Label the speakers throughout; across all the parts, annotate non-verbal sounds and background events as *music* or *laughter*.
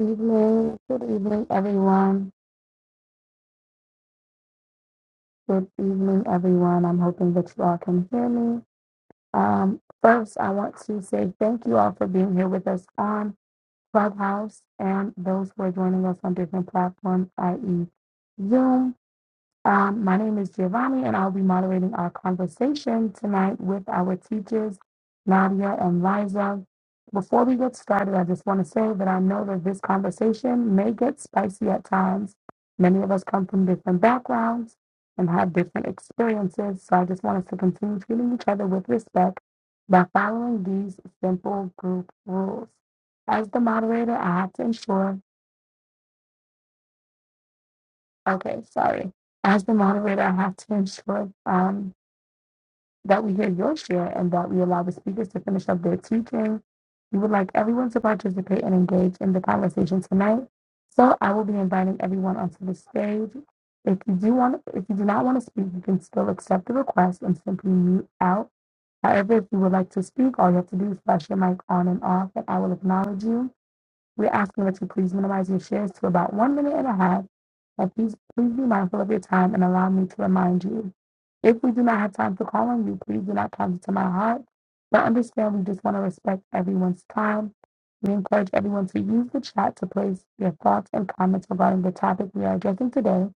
Speaker 1: evening. Good evening, everyone. Good evening, everyone. I'm hoping that you all can hear me. Um, first, I want to say thank you all for being here with us on Clubhouse and those who are joining us on different platforms, i.e., Zoom. Um, my name is Giovanni, and I'll be moderating our conversation tonight with our teachers, Nadia and Liza. Before we get started, I just want to say that I know that this conversation may get spicy at times. Many of us come from different backgrounds and have different experiences, so I just want us to continue treating each other with respect by following these simple group rules. As the moderator, I have to ensure, okay, sorry. As the moderator, I have to ensure um, that we hear your share and that we allow the speakers to finish up their teaching. We would like everyone to participate and engage in the conversation tonight. So I will be inviting everyone onto the stage. If you do want, if you do not want to speak, you can still accept the request and simply mute out. However, if you would like to speak, all you have to do is flash your mic on and off, and I will acknowledge you. We're asking that you please minimize your shares to about one minute and a half. And please, please be mindful of your time and allow me to remind you. If we do not have time for calling you, please do not count it to my heart. But understand we just want to respect everyone's time. We encourage everyone to use the chat to place their thoughts and comments regarding the topic we are addressing today.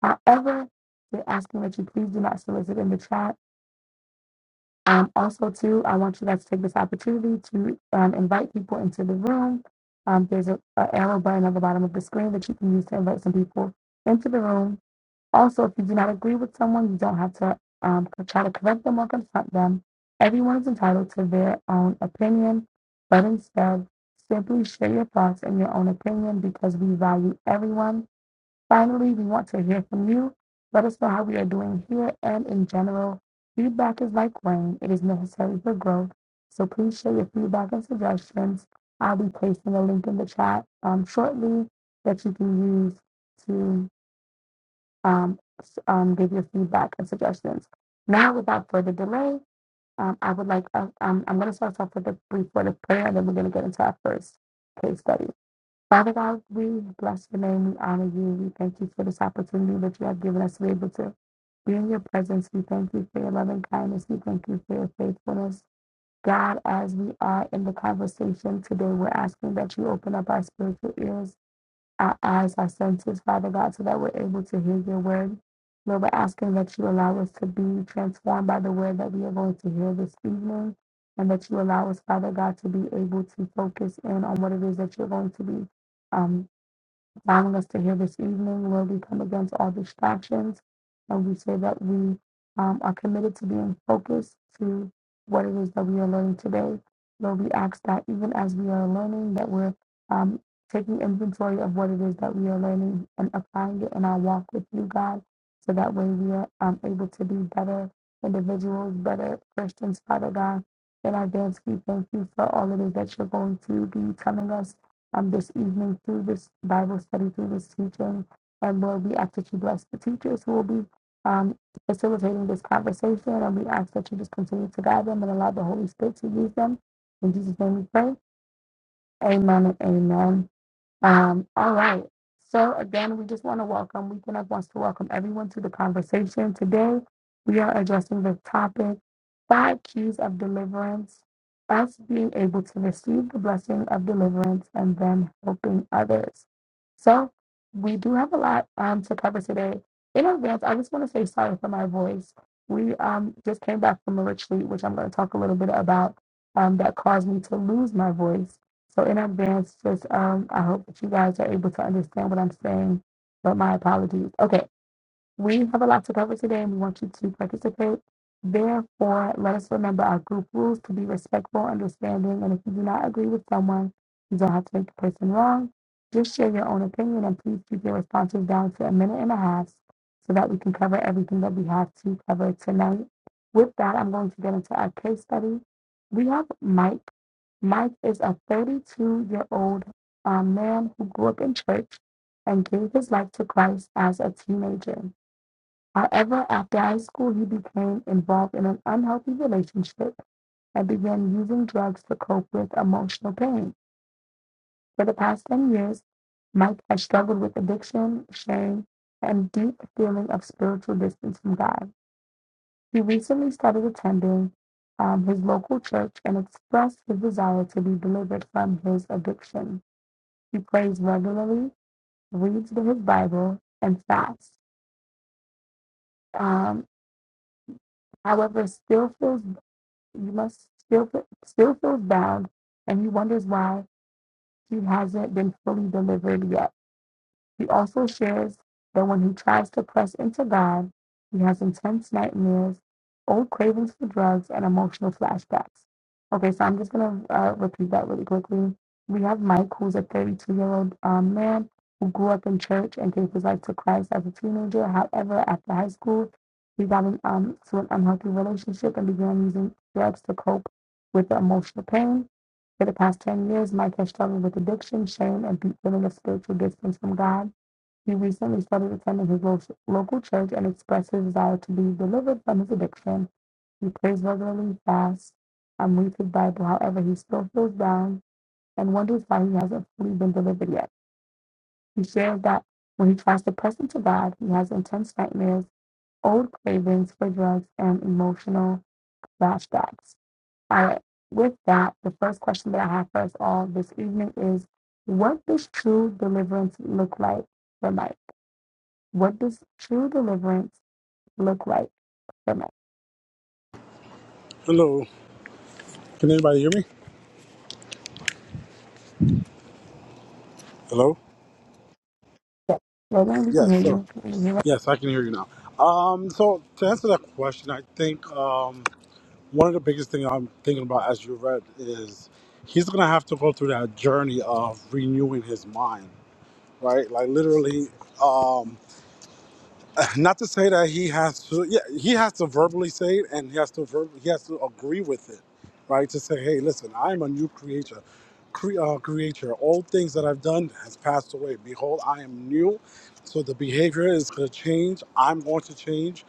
Speaker 1: However, we're asking that you please do not solicit in the chat um, also, too, I want you guys to take this opportunity to um, invite people into the room. Um, there's a, a arrow button at the bottom of the screen that you can use to invite some people into the room. Also, if you do not agree with someone, you don't have to um, c- try to correct them or confront them. Everyone is entitled to their own opinion, but instead, simply share your thoughts and your own opinion because we value everyone Finally, we want to hear from you. Let us know how we are doing here and in general. Feedback is like rain, it is necessary for growth. So please share your feedback and suggestions. I'll be placing a link in the chat um, shortly that you can use to um, um, give your feedback and suggestions. Now, without further delay, um, I would like, uh, um, I'm going to start off with a brief word of prayer and then we're going to get into our first case study. Father God, we bless your name. We honor you. We thank you for this opportunity that you have given us to be able to be in your presence. We thank you for your loving kindness. We thank you for your faithfulness. God, as we are in the conversation today, we're asking that you open up our spiritual ears, our eyes, our senses, Father God, so that we're able to hear your word. Lord, we're asking that you allow us to be transformed by the word that we are going to hear this evening, and that you allow us, Father God, to be able to focus in on what it is that you're going to be. um, allowing us to hear this evening, where we come against all distractions and we say that we um, are committed to being focused to what it is that we are learning today. Lord, we ask that even as we are learning, that we're um, taking inventory of what it is that we are learning and applying it in our walk with you, God, so that way we are um, able to be better individuals, better Christians, Father God. In advance, we thank you for all it is that you're going to be telling us um, this evening through this Bible study, through this teaching. And Lord, we ask that you bless the teachers who will be um, facilitating this conversation. And we ask that you just continue to guide them and allow the Holy Spirit to use them. In Jesus' name we pray. Amen and amen. Um, all right. So again, we just want to welcome, We Weekend Up wants to welcome everyone to the conversation. Today, we are addressing the topic five keys of deliverance, us being able to receive the blessing of deliverance and then helping others. So we do have a lot um, to cover today. In advance, I just want to say sorry for my voice. We um, just came back from a retreat, which I'm going to talk a little bit about, um, that caused me to lose my voice. So in advance, just um, I hope that you guys are able to understand what I'm saying. But my apologies. Okay, we have a lot to cover today and we want you to participate. Therefore, let us remember our group rules to be respectful, understanding, and if you do not agree with someone, you don't have to make the person wrong. Just share your own opinion and please keep your responses down to a minute and a half so that we can cover everything that we have to cover tonight. With that, I'm going to get into our case study. We have Mike. Mike is a 32 year old um, man who grew up in church and gave his life to Christ as a teenager. However, after high school, he became involved in an unhealthy relationship and began using drugs to cope with emotional pain. For the past 10 years, Mike has struggled with addiction, shame, and deep feeling of spiritual distance from God. He recently started attending um, his local church and expressed his desire to be delivered from his addiction. He prays regularly, reads his Bible, and fasts. Um, however, still feels you must still fe- still feels bound, and he wonders why he hasn't been fully delivered yet. He also shares that when he tries to press into God, he has intense nightmares, old cravings for drugs, and emotional flashbacks. Okay, so I'm just going to uh, repeat that really quickly. We have Mike, who's a 32 year old um, man who grew up in church and gave his life to Christ as a teenager. However, after high school, he got into um, an unhealthy relationship and began using drugs to cope with the emotional pain. For the past 10 years, Mike has struggled with addiction, shame, and deep feeling of spiritual distance from God. He recently started attending his lo- local church and expressed his desire to be delivered from his addiction. He prays regularly, fasts, and reads his Bible. However, he still feels down and wonders why he hasn't fully been delivered yet. He shares that when he tries to press into God, he has intense nightmares, old cravings for drugs, and emotional flashbacks. All right. With that, the first question that I have for us all this evening is, what does true deliverance look like for life? What does true deliverance look like for me?
Speaker 2: Hello. Can anybody hear me? Hello?
Speaker 1: Yes. Roland, we can
Speaker 2: Yes,
Speaker 1: hear
Speaker 2: so
Speaker 1: you. We can you hear you.
Speaker 2: yes, I can hear you now. Um, so to answer that question, I think um, one of the biggest things I'm thinking about as you read is he's gonna have to go through that journey of renewing his mind, right? Like literally. Um, Not to say that he has to, yeah, he has to verbally say it, and he has to verb, he has to agree with it, right? To say, hey, listen, I'm a new creature, cre- uh, creature. All things that I've done has passed away. Behold, I am new. So the behavior is going to change. I'm going to change,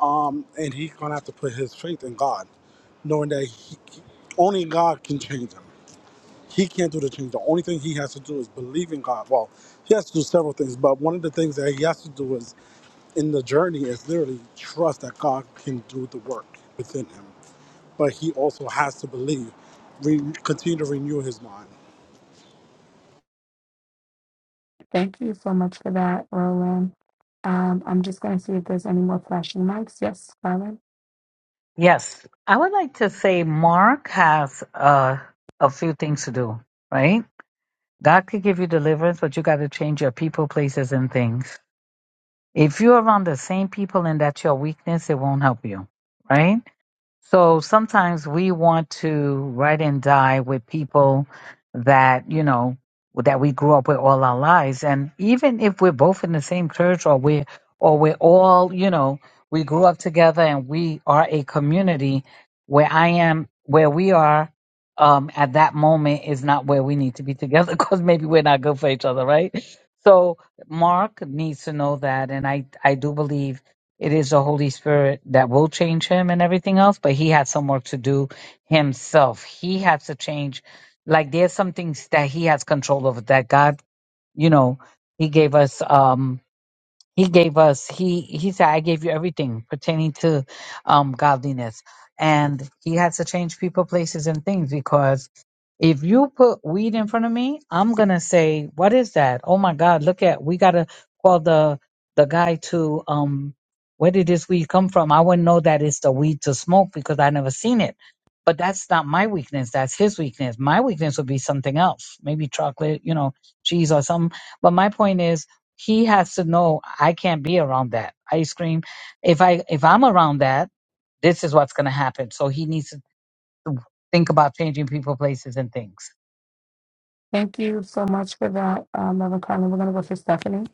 Speaker 2: um, and he's going to have to put his faith in God, knowing that he, only God can change him. He can't do the change. The only thing he has to do is believe in God. Well, he has to do several things, but one of the things that he has to do is in the journey is literally trust that God can do the work within him. But he also has to believe, re- continue to renew his mind.
Speaker 1: Thank you so much for that, Roland. Um, I'm just going to see if there's any more flashing mics. Yes, Carmen.
Speaker 3: Yes, I would like to say Mark has uh, a few things to do, right? God could give you deliverance, but you got to change your people, places, and things. If you're around the same people and that's your weakness, it won't help you, right? So sometimes we want to write and die with people that, you know, that we grew up with all our lives. And even if we're both in the same church or we're, or we're all, you know, we grew up together and we are a community where I am, where we are um, at that moment is not where we need to be together *laughs* because maybe we're not good for each other, right? So Mark needs to know that. And I, I do believe it is the Holy Spirit that will change him and everything else, but he has some work to do himself. He has to change. Like there's some things that he has control over that God, you know, he gave us. Um, he gave us, he, he said, I gave you everything pertaining to um, godliness. And he has to change people, places, and things because if you put weed in front of me, I'm going to say, what is that? Oh my God, look at, we got to call the, the guy to, um, where did this weed come from? I wouldn't know that it's the weed to smoke because I never seen it. But that's not my weakness. That's his weakness. My weakness would be something else, maybe chocolate, you know, cheese or something. But my point is, he has to know I can't be around that ice cream. If I if I'm around that, this is what's going to happen. So he needs to think about changing people, places, and things.
Speaker 1: Thank you so much for that, um, Reverend Carmen. We're going to go for Stephanie.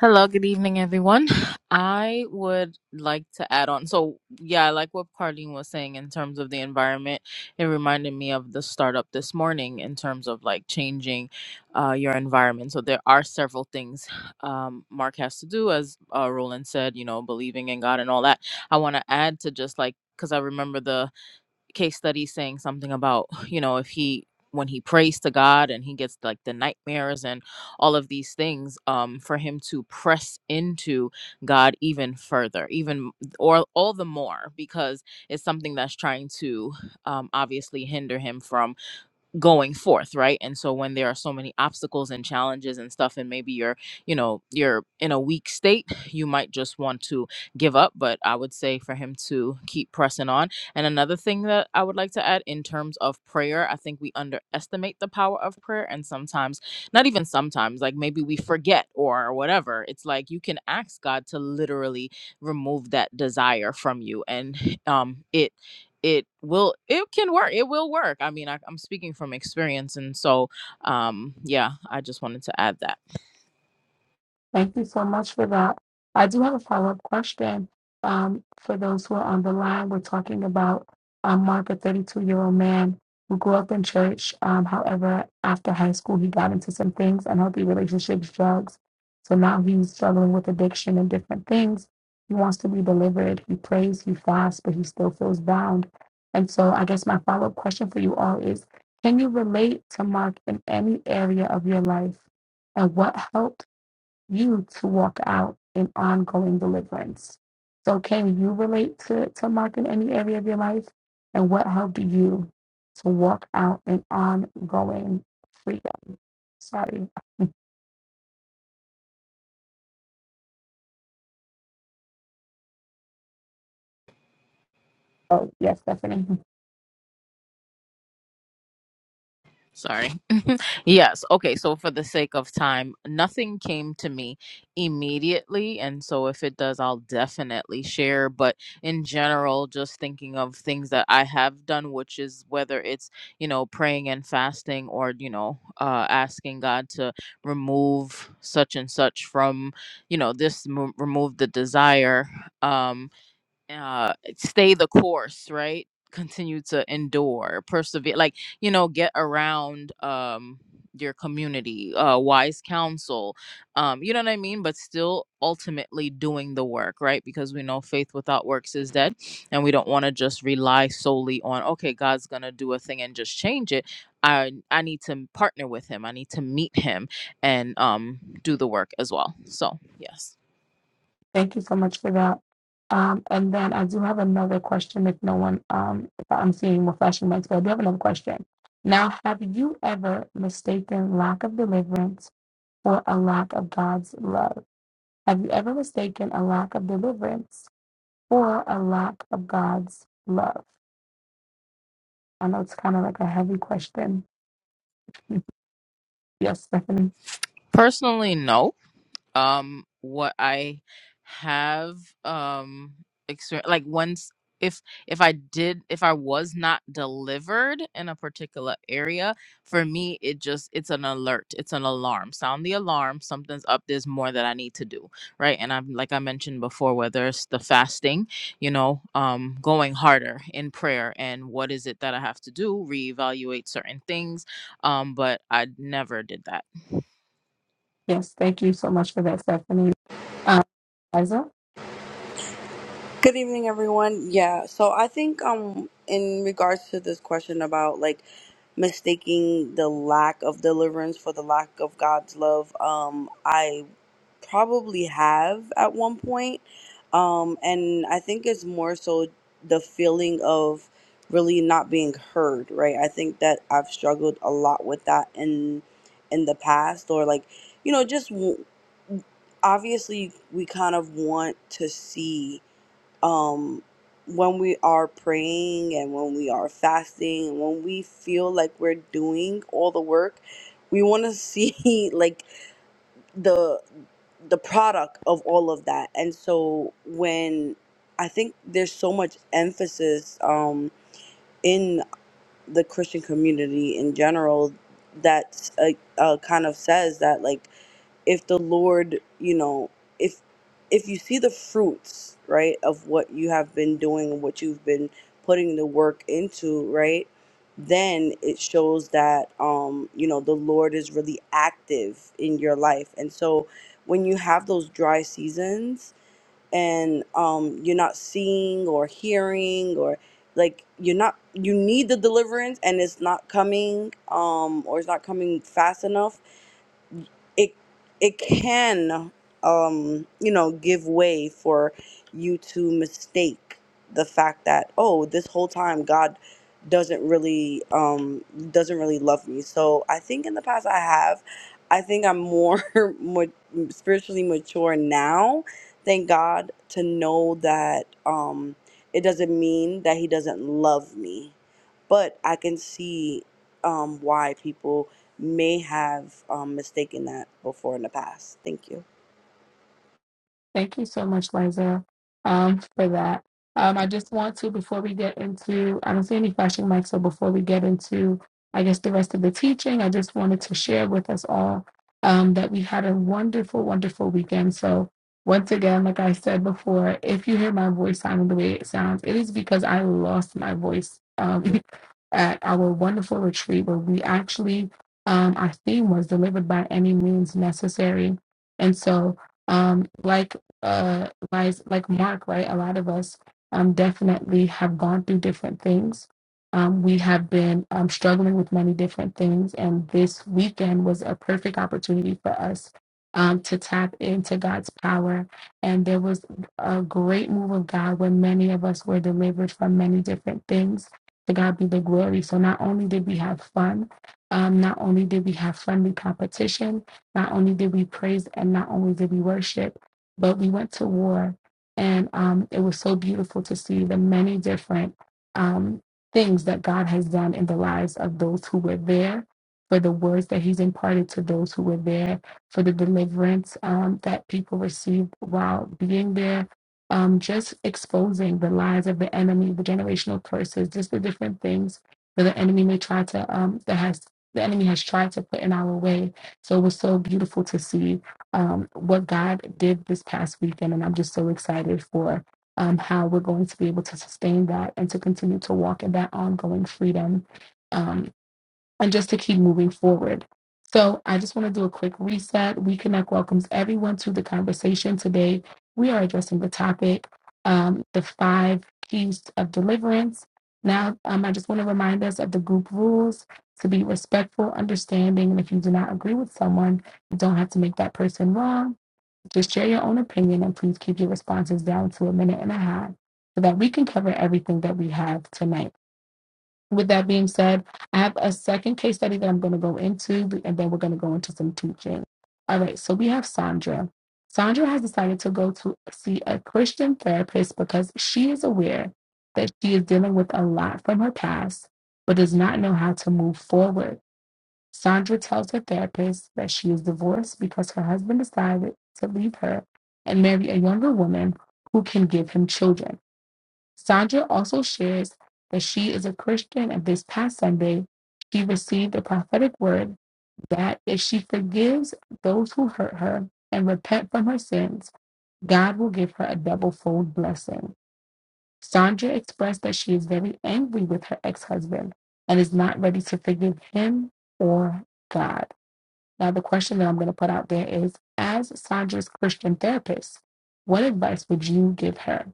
Speaker 4: Hello, good evening, everyone. I would like to add on. So, yeah, I like what Carlene was saying in terms of the environment. It reminded me of the startup this morning in terms of like changing uh, your environment. So, there are several things um, Mark has to do, as uh, Roland said, you know, believing in God and all that. I want to add to just like, because I remember the case study saying something about you know if he when he prays to god and he gets like the nightmares and all of these things um for him to press into god even further even or all the more because it's something that's trying to um obviously hinder him from going forth right and so when there are so many obstacles and challenges and stuff and maybe you're you know you're in a weak state you might just want to give up but i would say for him to keep pressing on and another thing that i would like to add in terms of prayer i think we underestimate the power of prayer and sometimes not even sometimes like maybe we forget or whatever it's like you can ask god to literally remove that desire from you and um it it will it can work it will work i mean I, i'm speaking from experience and so um yeah i just wanted to add that
Speaker 1: Thank you so much for that. I do have a follow up question. Um, for those who are on the line, we're talking about um, Mark, a 32 year old man who grew up in church. Um, however, after high school, he got into some things unhealthy relationships, drugs. So now he's struggling with addiction and different things. He wants to be delivered. He prays, he fasts, but he still feels bound. And so, I guess my follow up question for you all is can you relate to Mark in any area of your life? And what help? you to walk out in ongoing deliverance. So, can you relate to, to Mark in any area of your life? And what helped you to walk out in ongoing freedom? Sorry. *laughs* Oh, yes, Stephanie.
Speaker 4: Sorry. *laughs* yes. Okay. So, for the sake of time, nothing came to me immediately. And so, if it does, I'll definitely share. But in general, just thinking of things that I have done, which is whether it's, you know, praying and fasting or, you know, uh, asking God to remove such and such from, you know, this, m- remove the desire. Um, uh stay the course right continue to endure persevere like you know get around um your community uh wise counsel um you know what i mean but still ultimately doing the work right because we know faith without works is dead and we don't want to just rely solely on okay god's gonna do a thing and just change it i i need to partner with him i need to meet him and um do the work as well so yes
Speaker 1: Thank you so much for that. Um, and then I do have another question if no one, um, if I'm seeing more flashing lights, but I do have another question. Now, have you ever mistaken lack of deliverance for a lack of God's love? Have you ever mistaken a lack of deliverance for a lack of God's love? I know it's kind of like a heavy question. *laughs* Yes, Stephanie.
Speaker 4: personally no um what I have um exper- like once if if I did if I was not delivered in a particular area, for me it just it's an alert, it's an alarm. Sound the alarm, something's up, there's more that I need to do, right? And I'm like I mentioned before whether it's the fasting, you know, um going harder in prayer and what is it that I have to do, reevaluate certain things, um but I never did that.
Speaker 1: Yes, thank you so much for that, Stephanie. Um, Liza?
Speaker 5: Good evening, everyone. Yeah, so I think um in regards to this question about like mistaking the lack of deliverance for the lack of God's love, um I probably have at one point. Um and I think it's more so the feeling of really not being heard, right? I think that I've struggled a lot with that in in the past or like, you know, just w- obviously we kind of want to see um, when we are praying and when we are fasting and when we feel like we're doing all the work we want to *laughs* see like the the product of all of that and so when i think there's so much emphasis um, in the christian community in general that uh, uh, kind of says that like if the lord you know if if you see the fruits right of what you have been doing and what you've been putting the work into right then it shows that um you know the lord is really active in your life and so when you have those dry seasons and um you're not seeing or hearing or like you're not you need the deliverance and it's not coming um or it's not coming fast enough it it can um you know give way for you to mistake the fact that oh this whole time god doesn't really um doesn't really love me so i think in the past i have i think i'm more *laughs* more spiritually mature now thank god to know that um it doesn't mean that he doesn't love me but i can see um why people may have um, mistaken that before in the past. Thank you.
Speaker 1: Thank you so much, Liza, um, for that. Um, I just want to, before we get into, I don't see any flashing mics, so before we get into, I guess, the rest of the teaching, I just wanted to share with us all um, that we had a wonderful, wonderful weekend. So, once again, like I said before, if you hear my voice sounding the way it sounds, it is because I lost my voice um, *laughs* at our wonderful retreat where we actually, um, our theme was delivered by any means necessary. And so, um, like uh lies like Mark, right? A lot of us um definitely have gone through different things. Um, we have been um, struggling with many different things, and this weekend was a perfect opportunity for us um, to tap into God's power. And there was a great move of God where many of us were delivered from many different things. To God be the glory. So not only did we have fun, um, not only did we have friendly competition, not only did we praise, and not only did we worship but we went to war and um, it was so beautiful to see the many different um, things that god has done in the lives of those who were there for the words that he's imparted to those who were there for the deliverance um, that people received while being there um, just exposing the lies of the enemy the generational curses just the different things that the enemy may try to um, that has the enemy has tried to put in our way so it was so beautiful to see um, what God did this past weekend. And I'm just so excited for um, how we're going to be able to sustain that and to continue to walk in that ongoing freedom. Um, and just to keep moving forward. So, I just want to do a quick reset. We Connect welcomes everyone to the conversation today. We are addressing the topic, um, the five keys of deliverance. Now, um, I just want to remind us of the group rules to be respectful, understanding, and if you do not agree with someone, you don't have to make that person wrong. Just share your own opinion and please keep your responses down to a minute and a half so that we can cover everything that we have tonight. With that being said, I have a second case study that I'm going to go into, and then we're going to go into some teaching. All right, so we have Sandra. Sandra has decided to go to see a Christian therapist because she is aware that she is dealing with a lot from her past, but does not know how to move forward. Sandra tells her therapist that she is divorced because her husband decided to leave her and marry a younger woman who can give him children. Sandra also shares that she is a Christian, and this past Sunday, she received a prophetic word that if she forgives those who hurt her and repent from her sins, God will give her a double fold blessing. Sandra expressed that she is very angry with her ex husband and is not ready to forgive him or God. Now, the question that I'm going to put out there is As Sandra's Christian therapist, what advice would you give her?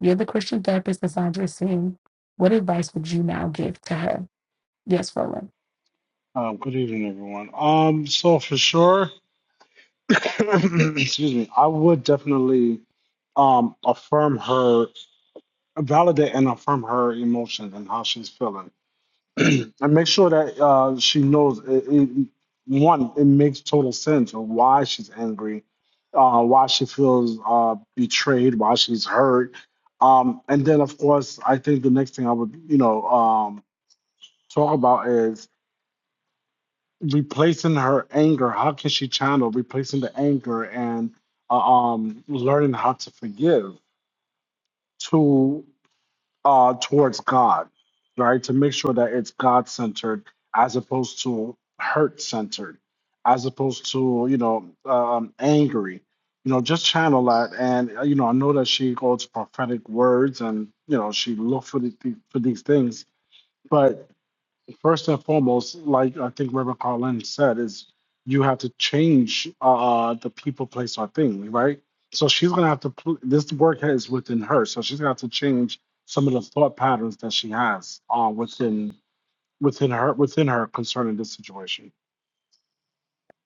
Speaker 1: You're the Christian therapist Cassandra Singh. What advice would you now give to her? Yes, Roland.
Speaker 2: Um, good evening, everyone. Um, so for sure, *coughs* excuse me, I would definitely um affirm her, validate and affirm her emotions and how she's feeling. *clears throat* and make sure that uh, she knows it, it, one it makes total sense of why she's angry uh, why she feels uh, betrayed why she's hurt um, and then of course i think the next thing i would you know um, talk about is replacing her anger how can she channel replacing the anger and uh, um, learning how to forgive To uh, towards God, right? To make sure that it's God centered as opposed to hurt centered, as opposed to, you know, um, angry. You know, just channel that. And, uh, you know, I know that she goes prophetic words and, you know, she looked for, the, for these things. but first and foremost, like I think Reverend Carlin said, is you have to change uh, the people, place, or thing, right? So she's gonna have to. pl- This work is within her, so she's gonna have to change some of the thought patterns that she has uh, within within her within her concerning this situation.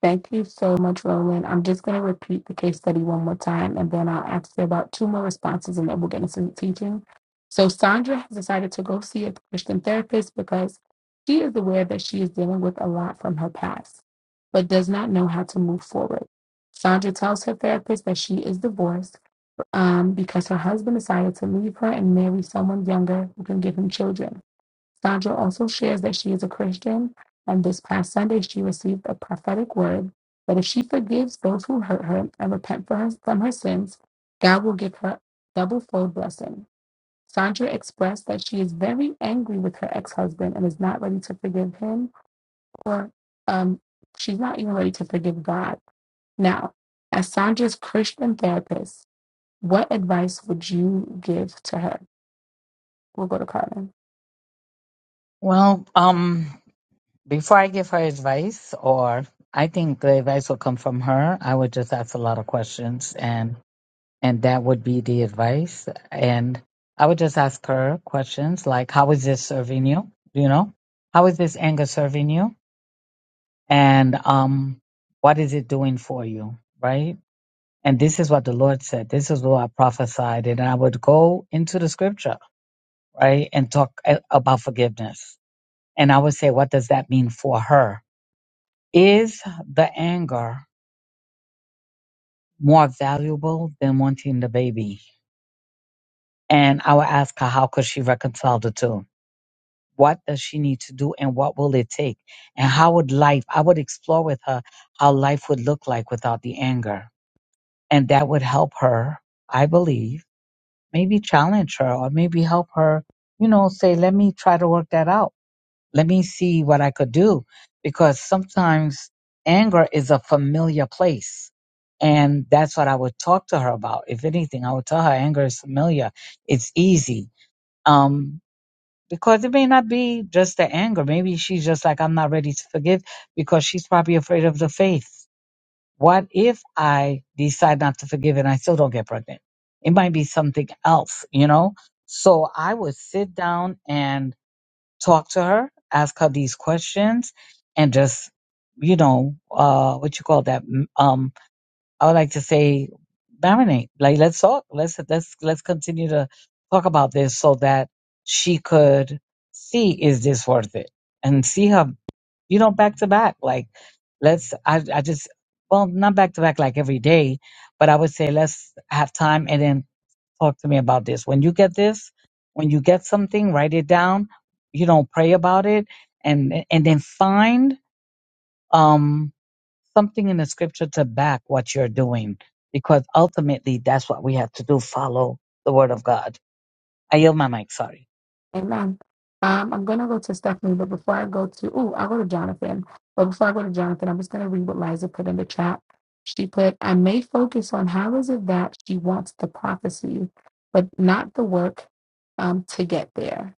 Speaker 1: Thank you so much, Roland. I'm just going to repeat the case study one more time, and then I'll ask you about two more responses, and then we'll get into the teaching. So, Sandra has decided to go see a Christian therapist because she is aware that she is dealing with a lot from her past, but does not know how to move forward. Sandra tells her therapist that she is divorced um, because her husband decided to leave her and marry someone younger who can give him children. Sandra also shares that she is a Christian, and this past Sunday she received a prophetic word that if she forgives those who hurt her and repent for her, from her sins, God will give her double fold blessing. Sandra expressed that she is very angry with her ex husband and is not ready to forgive him, or um, she's not even ready to forgive God. Now, as Sandra's Christian therapist, what advice would you give to her? We'll go to Carmen.
Speaker 3: Well, um, before I give her advice, or I think the advice will come from her, I would just ask a lot of questions, and and that would be the advice. And I would just ask her questions like, "How is this serving you? You know, how is this anger serving you? and um, what is it doing for you, right? And this is what the Lord said. This is what I prophesied, and I would go into the scripture, right, and talk a- about forgiveness. And I would say, what does that mean for her? Is the anger more valuable than wanting the baby? And I would ask her, how could she reconcile the two? What does she need to do, and what will it take? And how would life? I would explore with her how life would look like without the anger and that would help her, I believe, maybe challenge her or maybe help her, you know, say, let me try to work that out. Let me see what I could do. Because sometimes anger is a familiar place. And that's what I would talk to her about. If anything, I would tell her anger is familiar. It's easy. Um, because it may not be just the anger. Maybe she's just like, I'm not ready to forgive because she's probably afraid of the faith what if I decide not to forgive and I still don't get pregnant? It might be something else, you know? So I would sit down and talk to her, ask her these questions, and just, you know, uh, what you call that? M- Um, I would like to say marinate. Like, let's talk. Let's, let's, let's continue to talk about this so that she could see, is this worth it? And see her you know, back to back. Like, let's, I, I just, well, not back to back like every day, but I would say let's have time and then talk to me about this. When you get this, when you get something, write it down, you know, pray about it and, and then find, um, something in the scripture to back what you're doing because ultimately that's what we have to do. Follow the word of God. I yield my mic. Sorry.
Speaker 1: Amen. Um, I'm gonna go to Stephanie, but before I go to, oh, I'll go to Jonathan. But before I go to Jonathan, I'm just gonna read what Liza put in the chat. She put, I may focus on how is it that she wants the prophecy, but not the work um, to get there.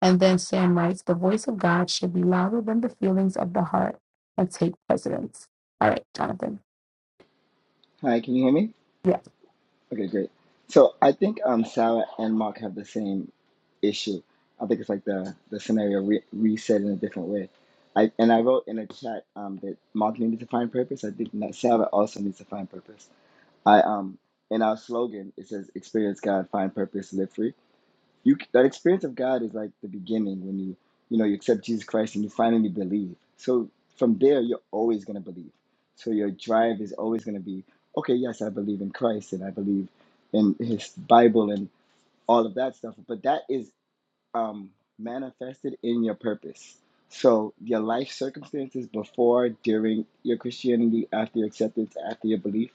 Speaker 1: And then Sam writes, the voice of God should be louder than the feelings of the heart and take precedence. All right, Jonathan.
Speaker 6: Hi, can you hear me?
Speaker 1: Yeah.
Speaker 6: Okay, great. So I think um, Sarah and Mark have the same issue. I think it's like the the scenario re- reset in a different way. I and I wrote in a chat um, that Mark needed to find purpose. I think that Sarah also needs to find purpose. I um in our slogan it says experience God, find purpose, live free you the experience of God is like the beginning when you you know you accept Jesus Christ and you finally believe. So from there you're always going to believe. So your drive is always going to be okay, yes, I believe in Christ and I believe in his Bible and all of that stuff, but that is um manifested in your purpose. So your life circumstances before, during your Christianity, after your acceptance, after your belief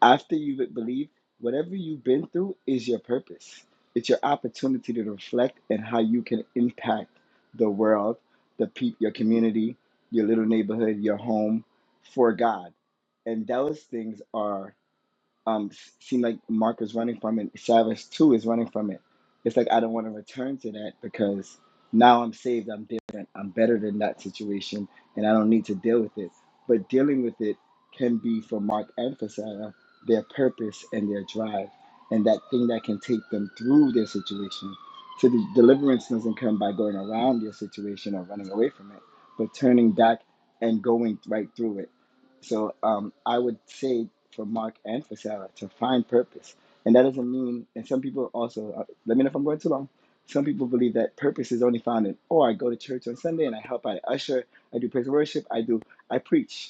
Speaker 6: after you've believed, whatever you've been through is your purpose. It's your opportunity to reflect and how you can impact the world, the peop, your community, your little neighborhood, your home for God. And those things are um s- seem like Mark is running from it. Chavez too is running from it. It's like I don't want to return to that because now I'm saved, I'm different, I'm better than that situation, and I don't need to deal with it. But dealing with it can be for Mark and for Sarah their purpose and their drive and that thing that can take them through their situation. So the deliverance doesn't come by going around your situation or running away from it, but turning back and going right through it so um, I would say for Mark and for Sarah to find purpose, and that doesn't mean. And some people also uh, let me know if I'm going too long. Some people believe that purpose is only found in oh I go to church on Sunday and I help I usher I do praise and worship I do I preach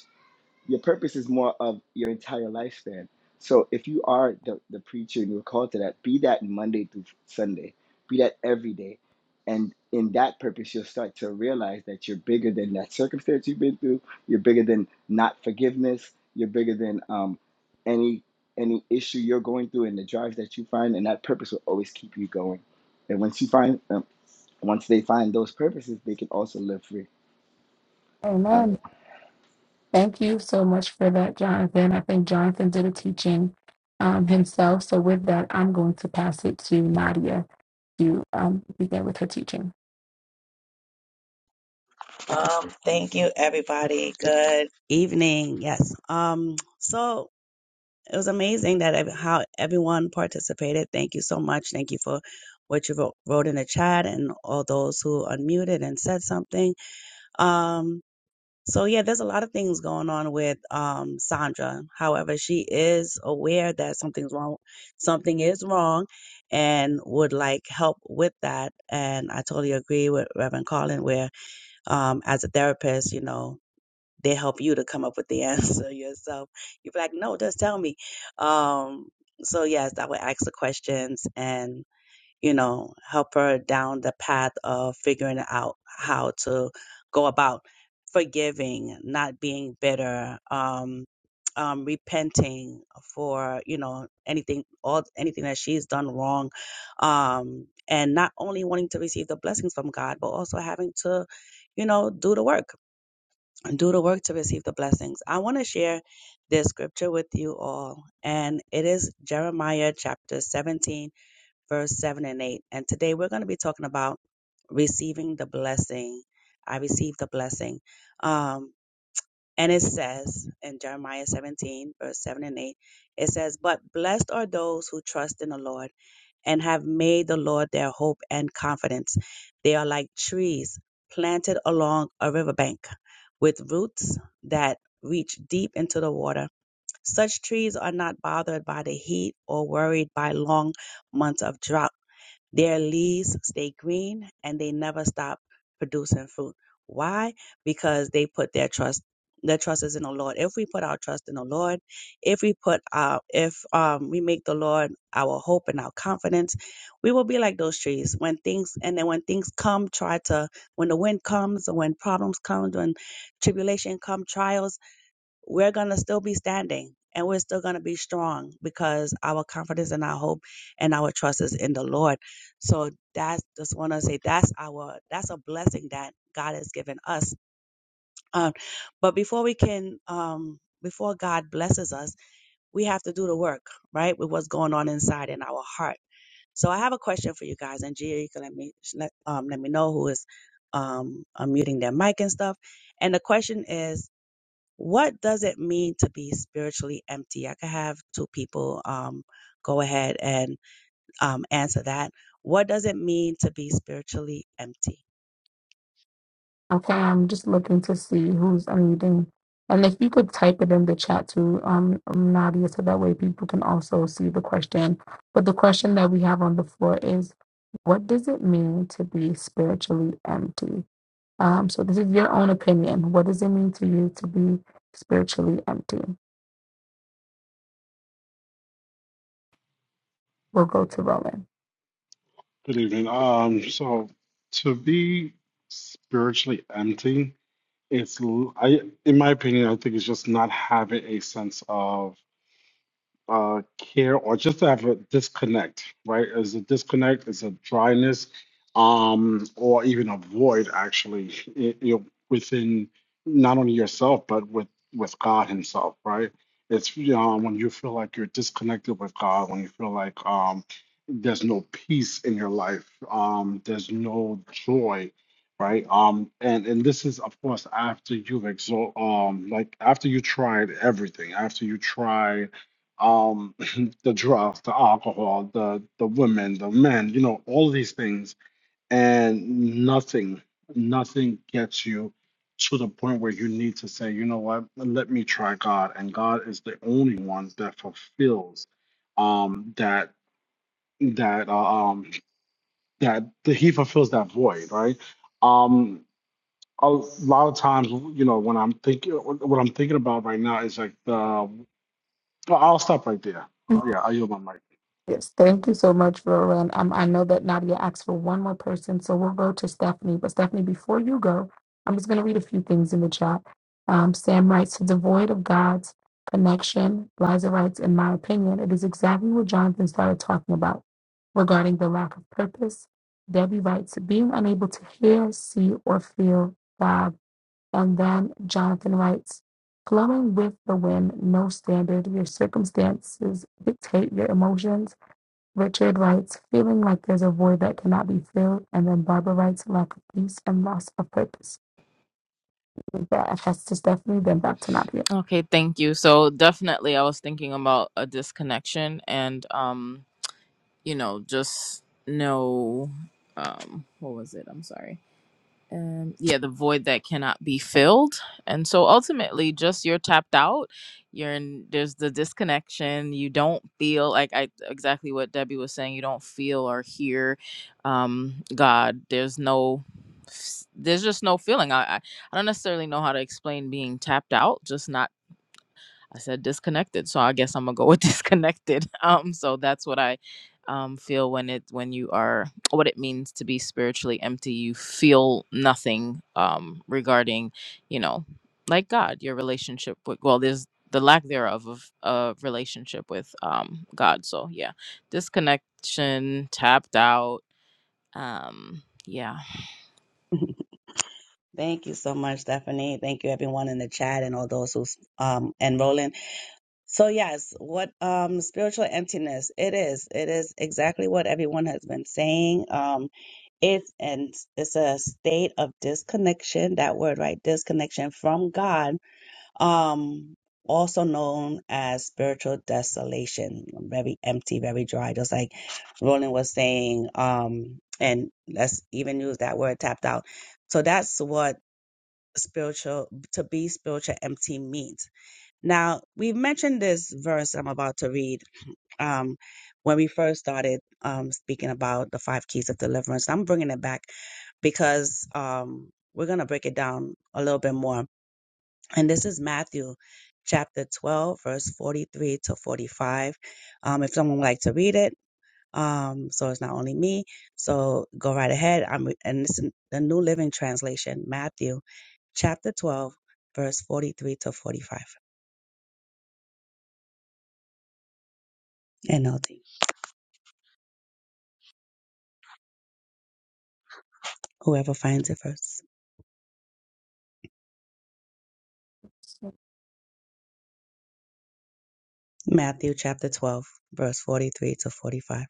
Speaker 6: your purpose is more of your entire lifespan. So if you are the, the preacher and you're called to that, be that Monday through Sunday, be that every day. And in that purpose, you'll start to realize that you're bigger than that circumstance you've been through. You're bigger than not forgiveness. You're bigger than um, any any issue you're going through and the drives that you find. And that purpose will always keep you going. And once you find, um, once they find those purposes, they can also live free.
Speaker 1: Amen. Thank you so much for that, Jonathan. I think Jonathan did a teaching um, himself. So, with that, I'm going to pass it to Nadia to um, begin with her teaching.
Speaker 7: Um, thank you, everybody. Good evening. Yes. Um, so it was amazing that ev- how everyone participated. Thank you so much. Thank you for what you wrote, wrote in the chat and all those who unmuted and said something. Um, so yeah, there's a lot of things going on with um Sandra. However, she is aware that something's wrong, something is wrong, and would like help with that. And I totally agree with Reverend Colin, where um as a therapist, you know they help you to come up with the answer *laughs* yourself. You're like, no, just tell me. Um, so yes, I would ask the questions and, you know, help her down the path of figuring out how to go about forgiving, not being bitter, um, um, repenting for, you know, anything, all anything that she's done wrong. Um, and not only wanting to receive the blessings from God, but also having to, you know, do the work do the work to receive the blessings. I want to share this scripture with you all, and it is Jeremiah chapter 17, verse 7 and 8. And today we're going to be talking about receiving the blessing. I received the blessing. Um, and it says in Jeremiah 17, verse 7 and 8, it says, But blessed are those who trust in the Lord and have made the Lord their hope and confidence. They are like trees planted along a riverbank with roots that reach deep into the water. Such trees are not bothered by the heat or worried by long months of drought their leaves stay green and they never stop producing fruit. Why? Because they put their trust their trust is in the Lord. If we put our trust in the Lord, if we put our if um we make the Lord our hope and our confidence, we will be like those trees. When things and then when things come, try to when the wind comes, when problems come, when tribulation come, trials we're going to still be standing and we're still going to be strong because our confidence and our hope and our trust is in the Lord. So that's just want to say that's our that's a blessing that God has given us. Um, but before we can um before God blesses us, we have to do the work, right? With what's going on inside in our heart. So I have a question for you guys, and Gia, you can let me let um let me know who is um unmuting their mic and stuff. And the question is what does it mean to be spiritually empty? I could have two people um, go ahead and um, answer that. What does it mean to be spiritually empty?
Speaker 1: Okay, I'm just looking to see who's unmuting. And if you could type it in the chat too, um, Nadia, so that way people can also see the question. But the question that we have on the floor is what does it mean to be spiritually empty? Um, so, this is your own opinion. What does it mean to you to be spiritually empty? We'll go to Roland.
Speaker 2: Good evening. Um, so to be spiritually empty, it's l- I, in my opinion, I think it's just not having a sense of uh, care or just to have a disconnect, right? Is a disconnect, is a dryness, um, or even a void actually, i- you know, within not only yourself but with with God Himself, right? It's you know, when you feel like you're disconnected with God, when you feel like um, there's no peace in your life, um, there's no joy, right? Um, and and this is of course after you've exalt, um, like after you tried everything, after you try um, *laughs* *clears throat* the drugs, the alcohol, the the women, the men, you know, all of these things, and nothing, nothing gets you to the point where you need to say, you know what, let me try God, and God is the only one that fulfills um, that that uh, um, that that He fulfills that void, right? Um, a lot of times, you know, when I'm thinking, what I'm thinking about right now is like the. well, I'll stop right there. Yeah, I yield my mic.
Speaker 1: Yes, thank you so much, Roland. Um, I know that Nadia asked for one more person, so we'll go to Stephanie. But Stephanie, before you go, I'm just going to read a few things in the chat. Um, Sam writes, "So devoid of God's connection, Liza writes, in my opinion, it is exactly what Jonathan started talking about regarding the lack of purpose. Debbie writes, being unable to hear, see, or feel God And then Jonathan writes, flowing with the wind, no standard. Your circumstances dictate your emotions. Richard writes, feeling like there's a void that cannot be filled. And then Barbara writes, lack of peace and loss of purpose. With that, I pass to Stephanie, then back to Nadia.
Speaker 4: Okay, thank you. So definitely I was thinking about a disconnection and um, you know, just no um what was it? I'm sorry. Um yeah, the void that cannot be filled. And so ultimately just you're tapped out. You're in there's the disconnection. You don't feel like I exactly what Debbie was saying, you don't feel or hear um God. There's no there's just no feeling. I, I I don't necessarily know how to explain being tapped out, just not I said disconnected, so I guess I'm gonna go with *laughs* disconnected. Um, so that's what I um, feel when it when you are what it means to be spiritually empty. You feel nothing um, regarding, you know, like God, your relationship with well, there's the lack thereof of a relationship with um, God. So yeah, disconnection, tapped out. Um, yeah,
Speaker 7: *laughs* Thank you so much, Stephanie. Thank you, everyone in the chat and all those who's um, enrolling. So yes, what um spiritual emptiness it is. It is exactly what everyone has been saying. Um it's and it's a state of disconnection, that word right, disconnection from God. Um also known as spiritual desolation. Very empty, very dry. Just like Roland was saying, um and let's even use that word tapped out. So that's what spiritual to be spiritual empty means now, we've mentioned this verse I'm about to read *clears throat* um, when we first started um, speaking about the five keys of deliverance. I'm bringing it back because um, we're going to break it down a little bit more. And this is Matthew chapter 12, verse 43 to 45. Um, if someone would like to read it, um, so it's not only me. So go right ahead. I'm, and this is the New Living Translation, Matthew chapter 12, verse 43 to 45. NLT. Whoever finds it first. Matthew chapter 12, verse 43 to 45.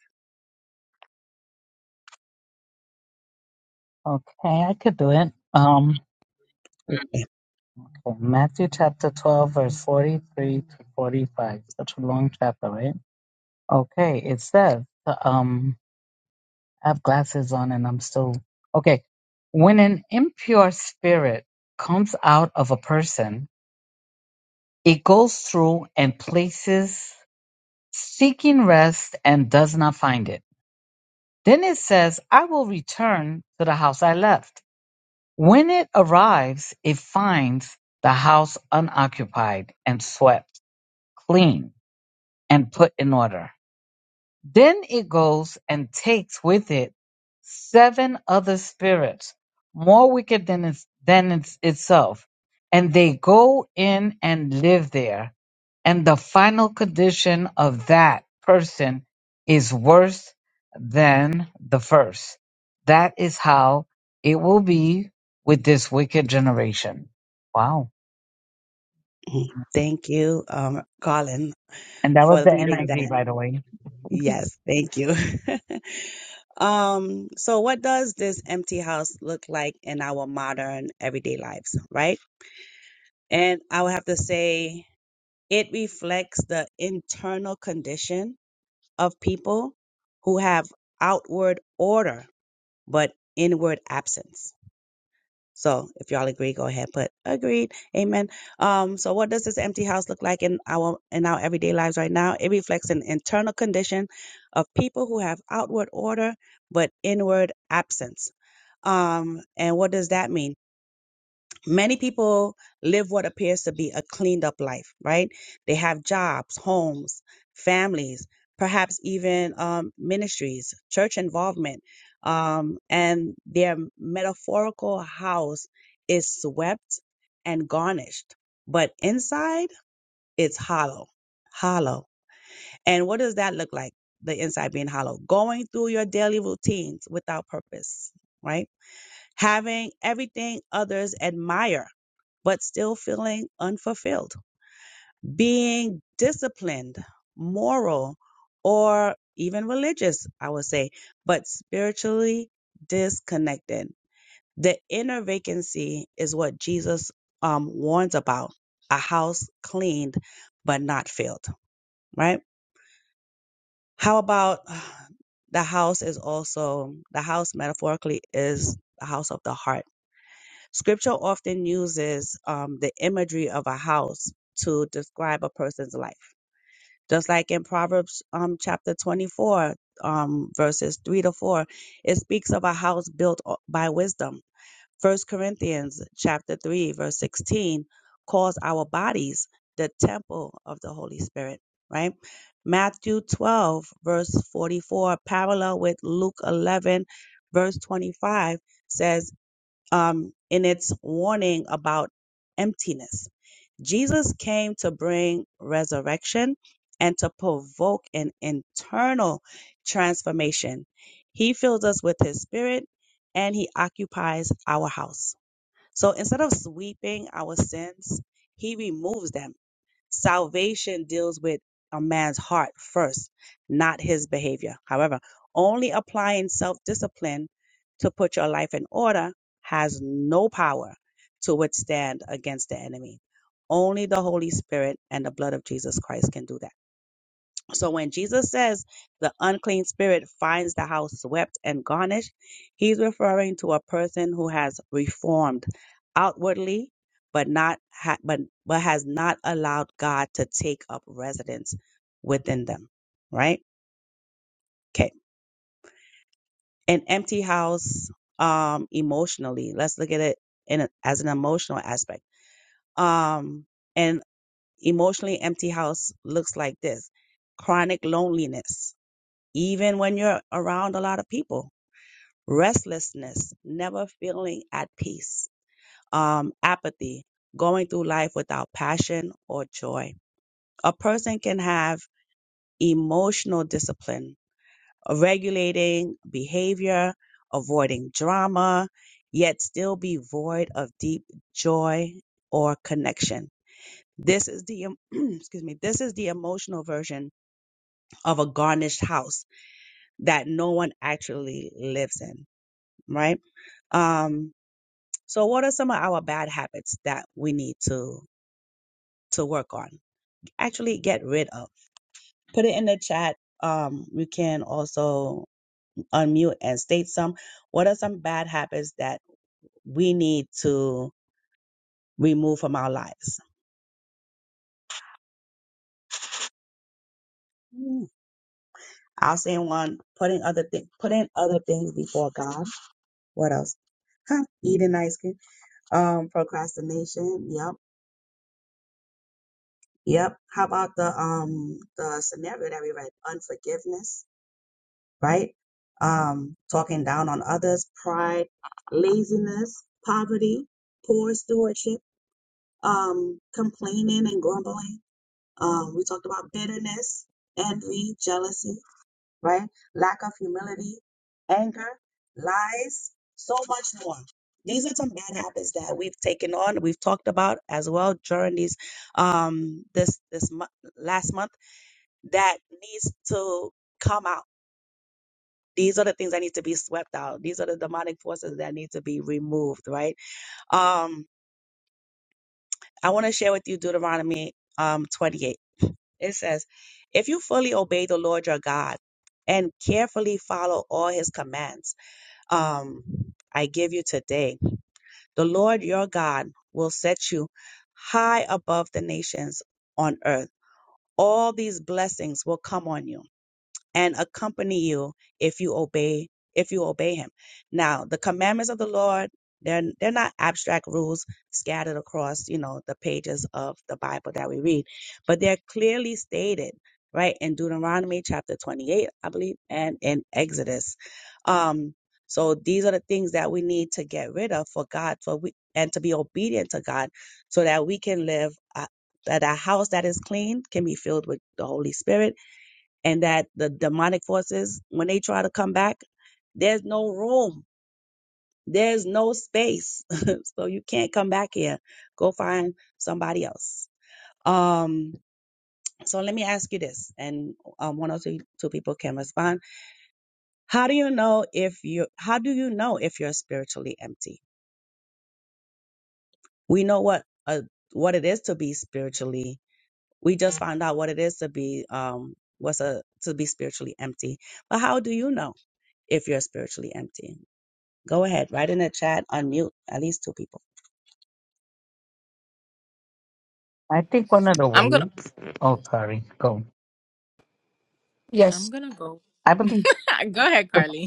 Speaker 3: Okay. I could do it.
Speaker 7: Okay.
Speaker 3: Okay, Matthew chapter 12, verse 43 to 45. Such a long chapter, right? Okay, it says, uh, um, I have glasses on and I'm still. Okay. When an impure spirit comes out of a person, it goes through and places seeking rest and does not find it. Then it says, I will return to the house I left. When it arrives, it finds the house unoccupied and swept clean and put in order. Then it goes and takes with it seven other spirits, more wicked than, its, than its, itself, and they go in and live there. And the final condition of that person is worse than the first. That is how it will be with this wicked generation. Wow.
Speaker 7: Mm. Thank you, um, Colin,
Speaker 3: And that was
Speaker 7: for
Speaker 3: the
Speaker 7: reading
Speaker 3: NIV,
Speaker 7: that.
Speaker 3: by the way.
Speaker 7: Yes, thank you. *laughs* um, so what does this empty house look like in our modern everyday lives, right? And I would have to say It reflects the internal condition of people who have outward order but inward absence. So, if y'all agree, go ahead. Put agreed, amen. Um, so, what does this empty house look like in our in our everyday lives right now? It reflects an internal condition of people who have outward order but inward absence. Um, and what does that mean? Many people live what appears to be a cleaned up life, right? They have jobs, homes, families, perhaps even um, ministries, church involvement, um, and their metaphorical house is swept and garnished. But inside, it's hollow, hollow. And what does that look like? The inside being hollow, going through your daily routines without purpose, right? having everything others admire, but still feeling unfulfilled, being disciplined, moral, or even religious, I would say, but spiritually disconnected. The inner vacancy is what Jesus um, warns about a house cleaned but not filled, right? How about uh, the house is also, the house metaphorically is the house of the heart Scripture often uses um, the imagery of a house to describe a person's life. Just like in Proverbs um, chapter 24, um, verses 3 to 4, it speaks of a house built o- by wisdom. First Corinthians chapter 3, verse 16, calls our bodies the temple of the Holy Spirit, right? Matthew 12, verse 44, parallel with Luke 11, verse 25, says, um, in its warning about emptiness. Jesus came to bring resurrection and to provoke an internal transformation. He fills us with his spirit and he occupies our house. So instead of sweeping our sins, he removes them Salvation deals with a man's heart first, not his behavior. However, only applying self discipline to put your life in order has no power to withstand against the enemy. Only the Holy Spirit and the blood of Jesus Christ can do that. So when Jesus says the unclean spirit finds the house swept and garnished, he's referring to a person who has reformed outwardly, but not ha- but but has not allowed God to take up residence within them. Right? Okay. An empty house, um, emotionally. Let's look at it in a, as an emotional aspect. Um, an emotionally empty house looks like this: chronic loneliness even when you're around a lot of people. Restlessness, never feeling at peace. Um, apathy, going through life without passion or joy. A person can have emotional discipline, regulating behavior, avoiding drama, yet still be void of deep joy or connection. This is the em- *clears throat* excuse me, this is the emotional version of a garnished house that no one actually lives in, right? Um, so what are some of our bad habits that we need to to work on? Actually get rid of. Put it in the chat. Um, you can also unmute and state some. What are some bad habits that we need to remove from our lives? Hmm. I'll say one, putting other things putting other things before God. What else? Huh, eating ice cream. Um, procrastination. Yep. Yep. How about the um the scenario that we read? Unforgiveness right? Um, talking down on others, pride, laziness, poverty, poor stewardship, um, complaining and grumbling. Um, we talked about bitterness, envy, jealousy, right? Lack of humility, anger, lies, so much more. These are some bad habits that we've taken on. We've talked about as well during these, um, this this mo- last month that needs to come out these are the things that need to be swept out. These are the demonic forces that need to be removed, right? Um, I want to share with you Deuteronomy um 28. It says, If you fully obey the Lord your God and carefully follow all his commands, um, I give you today, the Lord your God will set you high above the nations on earth. All these blessings will come on you and accompany you if you obey if you obey him now the commandments of the lord they're, they're not abstract rules scattered across you know the pages of the bible that we read but they're clearly stated right in deuteronomy chapter 28 i believe and in exodus um so these are the things that we need to get rid of for god for we and to be obedient to god so that we can live uh, that a house that is clean can be filled with the holy spirit and that the demonic forces, when they try to come back, there's no room. There's no space. *laughs* so you can't come back here. Go find somebody else. Um, so let me ask you this, and um, one or two, two people can respond. How do you know if you how do you know if you're spiritually empty? We know what uh, what it is to be spiritually. We just found out what it is to be um what's a to be spiritually empty. But how do you know if you're spiritually empty? Go ahead, write in the chat, unmute at least two people.
Speaker 3: I think one of the
Speaker 4: I'm gonna
Speaker 3: ways. Oh, sorry. Go.
Speaker 4: I'm
Speaker 1: Yes,
Speaker 4: gonna go.
Speaker 3: I believe,
Speaker 4: *laughs* go ahead, Carly.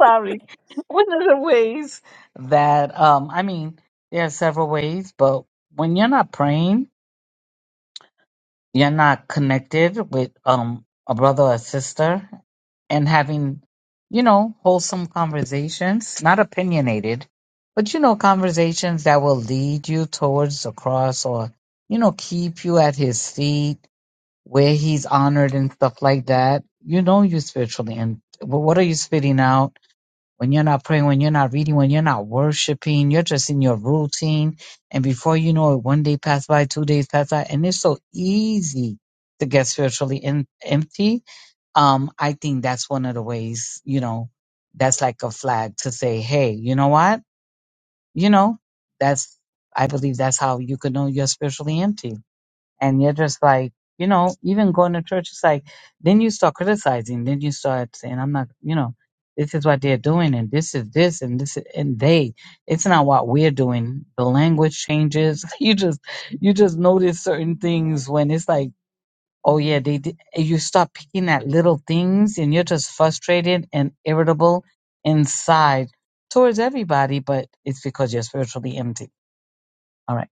Speaker 3: sorry, *laughs* one of the ways that, um, I mean, there are several ways, but when you're not praying, you're not connected with um, a brother or sister and having, you know, wholesome conversations, not opinionated, but, you know, conversations that will lead you towards the cross or, you know, keep you at his feet where he's honored and stuff like that. You know, you're spiritually, and what are you spitting out? When you're not praying, when you're not reading, when you're not worshiping, you're just in your routine. And before you know it, one day passed by, two days passed by, and it's so easy to get spiritually in, empty. Um, I think that's one of the ways, you know, that's like a flag to say, hey, you know what? You know, that's, I believe that's how you can know you're spiritually empty and you're just like, you know, even going to church, it's like, then you start criticizing, then you start saying, I'm not, you know, this is what they're doing, and this is this, and this, is, and they. It's not what we're doing. The language changes. *laughs* You just, you just notice certain things when it's like, oh yeah, they. Did. and You start picking at little things, and you're just frustrated and irritable inside towards everybody, but it's because you're spiritually empty. All right,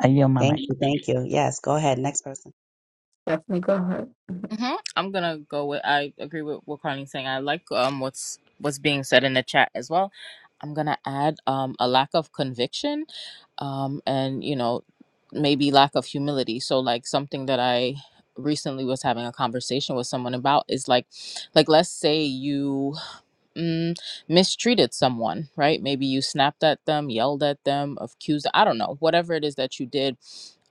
Speaker 3: I yield my mic.
Speaker 7: Thank you, thank you. Yes, go ahead, next person.
Speaker 1: Stephanie, go ahead.
Speaker 4: hmm I'm gonna go with. I agree with what Carly's saying. I like um what's what's being said in the chat as well. I'm gonna add um a lack of conviction, um and you know maybe lack of humility. So like something that I recently was having a conversation with someone about is like like let's say you mm, mistreated someone, right? Maybe you snapped at them, yelled at them, accused, I don't know, whatever it is that you did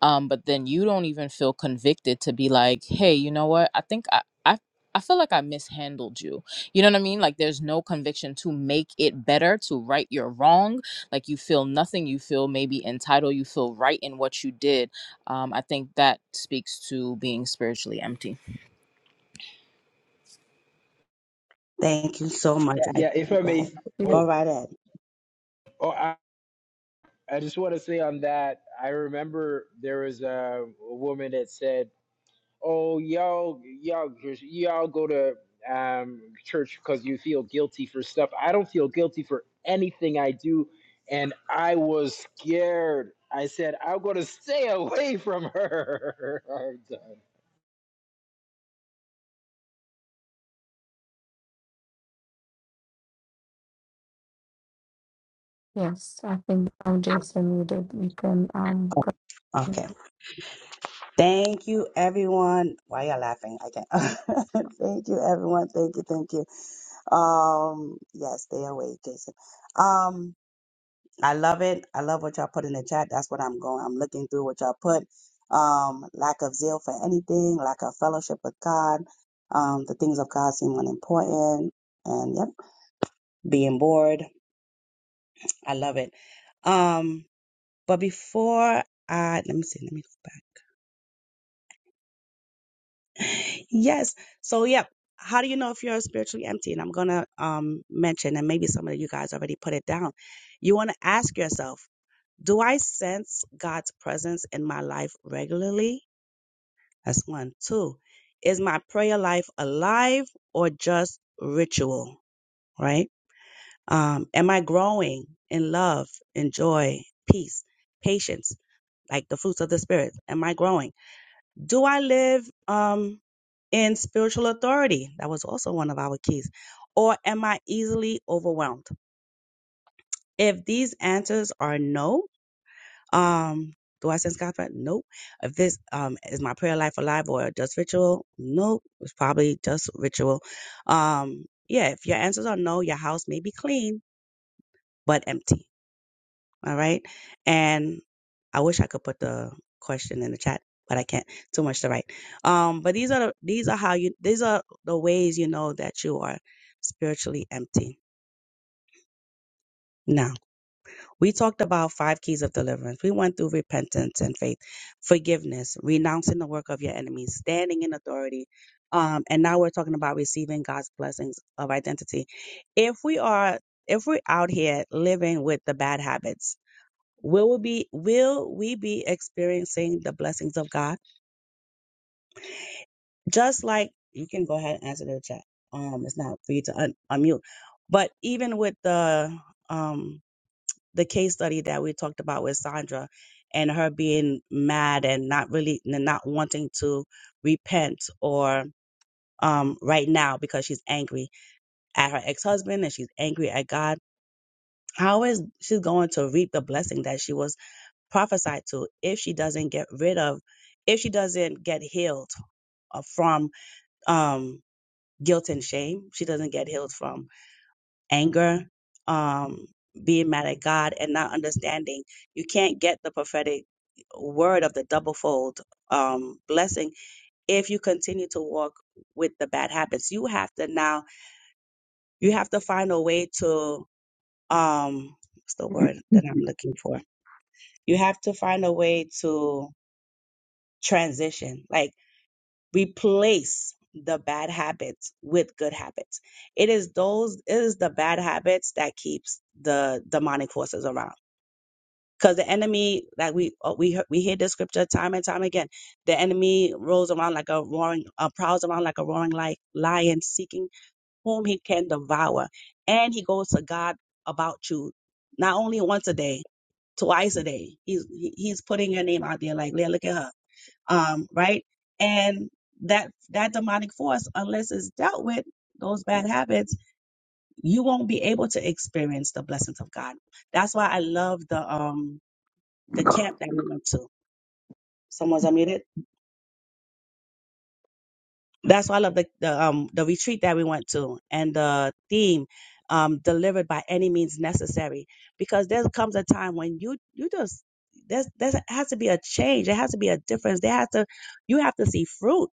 Speaker 4: um but then you don't even feel convicted to be like hey you know what i think i i, I feel like i mishandled you you know what i mean like there's no conviction to make it better to right your wrong like you feel nothing you feel maybe entitled you feel right in what you did um, I think that speaks to being spiritually empty.
Speaker 7: Thank you so much. I
Speaker 8: Yeah, if I
Speaker 7: go
Speaker 8: may.
Speaker 7: ahead. Go
Speaker 8: Oh,
Speaker 7: right ahead.
Speaker 8: oh, I, I just want to say on that. I remember there was a, a woman that said, "Oh, y'all, y'all, y'all go to um, church because you feel guilty for stuff." I don't feel guilty for anything I do, and I was scared. I said, "I'm going to stay *laughs* away from her." *laughs*
Speaker 1: Yes, I think um, Jason, you did. You can um,
Speaker 7: Okay. Thank you everyone. Why y'all laughing? I can't. *laughs* thank you everyone. Thank you, thank you. Um, yes, stay awake, Jason. Um, I love it. I love what y'all put in the chat. That's what I'm going. I'm looking through what y'all put. Um, lack of zeal for anything, lack of fellowship with God. Um, the things of God seem unimportant, and yep, being bored. I love it. Um, but before I let me see, let me go back. Yes. So yep. How do you know if you're spiritually empty? And I'm gonna um mention, and maybe some of you guys already put it down. You want to ask yourself. Do I sense God's presence in my life regularly? That's one. Two, is my prayer life alive or just ritual, right? Um, am I growing in love, in joy, peace, patience, like the fruits of the Spirit? Am I growing? Do I live um, in spiritual authority? That was also one of our keys. Or am I easily overwhelmed? If these answers are no, Um, do I sense God's presence? Nope. If this um is my prayer life alive or just ritual? Nope. It's probably just ritual. Um, yeah, if your answers are no, your house may be clean but empty. All right. And I wish I could put the question in the chat, but I can't. Too much to write. Um, but these are the, these are how you these are the ways you know that you are spiritually empty. Now. We talked about five keys of deliverance. We went through repentance and faith, forgiveness, renouncing the work of your enemies, standing in authority. Um, and now we're talking about receiving God's blessings of identity. If we are, if we're out here living with the bad habits, will we be, will we be experiencing the blessings of God? Just like you can go ahead and answer the chat. Um, it's not for you to un- unmute, but even with the, um, the case study that we talked about with Sandra and her being mad and not really and not wanting to repent or um right now because she's angry at her ex-husband and she's angry at God. How is she going to reap the blessing that she was prophesied to if she doesn't get rid of if she doesn't get healed uh, from um guilt and shame she doesn't get healed from anger, um, being mad at God, and not understanding. You can't get the prophetic word of the doublefold um, blessing if you continue to walk with the bad habits. You have to now, you have to find a way to, um, what's the word that I'm looking for? You have to find a way to transition, like replace the bad habits with good habits it is those it is the bad habits that keeps the demonic forces around because the enemy like we uh, we hear- we hear this scripture time and time again the enemy rolls around like a roaring uh, prowls around like a roaring like lion seeking whom he can devour and he goes to god about you not only once a day twice a day he's he- he's putting your name out there like "Leah, look at her um right and that that demonic force unless it's dealt with those bad habits you won't be able to experience the blessings of god that's why i love the um the camp that we went to. Someone's unmuted. That's why I love the, the um the retreat that we went to and the theme um delivered by any means necessary because there comes a time when you you just there's there has to be a change there has to be a difference there has to you have to see fruit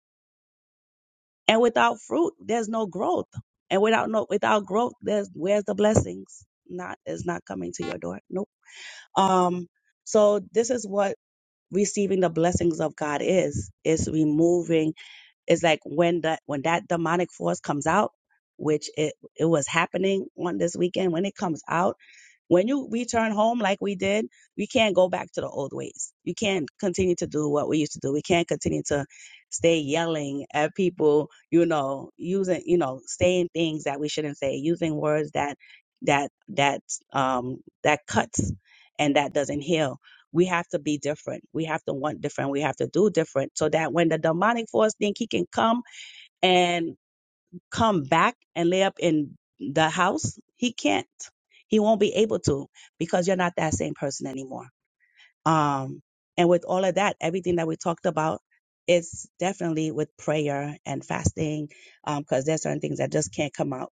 Speaker 7: and without fruit there's no growth and without no without growth there's where's the blessings not is not coming to your door nope um so this is what receiving the blessings of God is is removing is like when the when that demonic force comes out, which it it was happening on this weekend. When it comes out, when you return home like we did, we can't go back to the old ways. You can't continue to do what we used to do. We can't continue to stay yelling at people, you know, using, you know, saying things that we shouldn't say, using words that that that um that cuts and that doesn't heal we have to be different. We have to want different. We have to do different so that when the demonic force think he can come and come back and lay up in the house, he can't. He won't be able to because you're not that same person anymore. Um, and with all of that, everything that we talked about, it's definitely with prayer and fasting, um, because there's certain things that just can't come out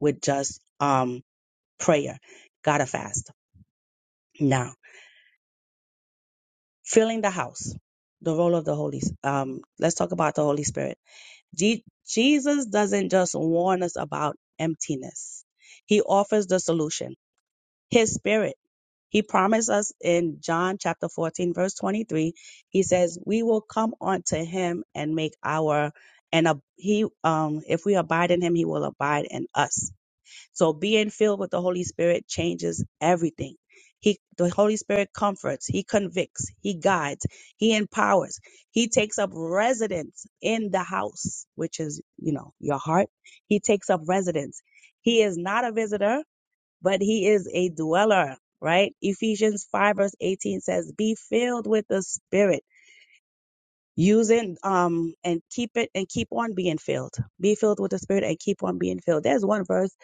Speaker 7: with just um prayer. Gotta fast now filling the house the role of the holy um let's talk about the holy spirit Je- jesus doesn't just warn us about emptiness he offers the solution his spirit he promised us in john chapter 14 verse 23 he says we will come unto him and make our and a, he um if we abide in him he will abide in us so being filled with the Holy Spirit changes everything. He, the Holy Spirit comforts, He convicts, He guides, He empowers, He takes up residence in the house, which is, you know, your heart. He takes up residence. He is not a visitor, but He is a dweller, right? Ephesians 5 verse 18 says, be filled with the Spirit use it um and keep it and keep on being filled be filled with the spirit and keep on being filled there's one verse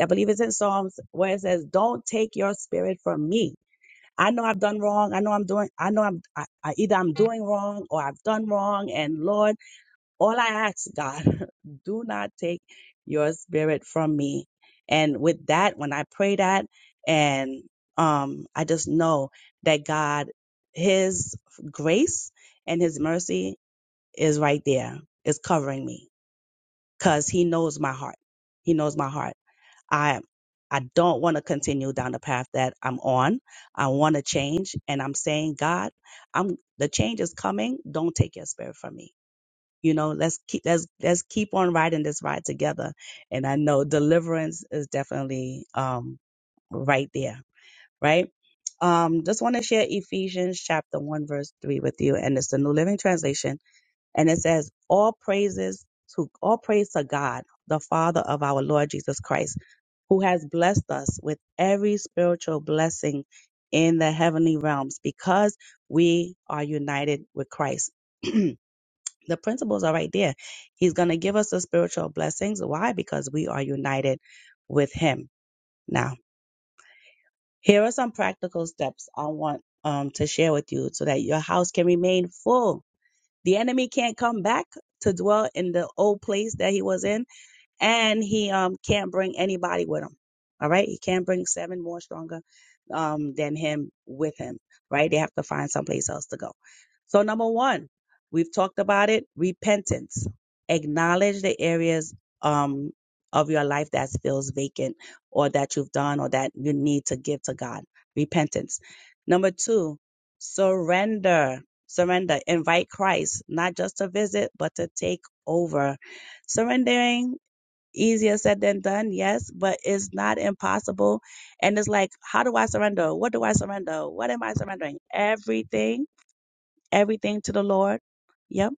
Speaker 7: i believe it's in psalms where it says don't take your spirit from me i know i've done wrong i know i'm doing i know i'm I, I, either i'm doing wrong or i've done wrong and lord all i ask god *laughs* do not take your spirit from me and with that when i pray that and um i just know that god his grace and his mercy is right there, is covering me because he knows my heart. He knows my heart. I I don't want to continue down the path that I'm on. I want to change and I'm saying, God, I'm the change is coming. Don't take your spirit from me. You know, let's keep let's let's keep on riding this ride together. And I know deliverance is definitely um right there, right? Um, just want to share Ephesians chapter one verse three with you, and it's the New Living Translation and it says, all praises to, all praise to God, the Father of our Lord Jesus Christ, who has blessed us with every spiritual blessing in the heavenly realms because we are united with Christ. *clears throat* the principles are right there. He's going to give us the spiritual blessings. Why? Because we are united with Him. Now, here are some practical steps I want um, to share with you so that your house can remain full the enemy can't come back to dwell in the old place that he was in and he um can't bring anybody with him. All right, he can't bring seven more stronger um than him with him. Right, they have to find someplace else to go. So number one, we've talked about it: repentance. Acknowledge the areas um of your life that feels vacant, or that you've done, or that you need to give to God. Repentance. Number two, surrender. Surrender. Invite Christ not just to visit, but to take over surrendering easier said than done yes but it's not impossible and it's like how do i surrender what do i surrender what am i surrendering everything everything to the lord yep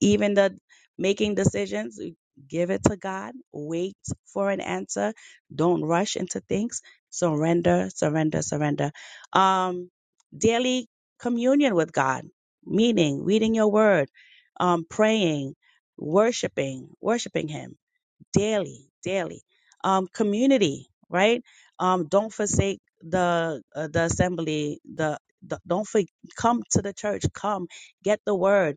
Speaker 7: even the making decisions give it to god wait for an answer don't rush into things surrender surrender surrender um daily communion with god meaning reading your word um praying worshiping worshiping him daily, daily. Um, community, right? Um, don't forsake the uh, the assembly. The, the don't for, come to the church. Come get the word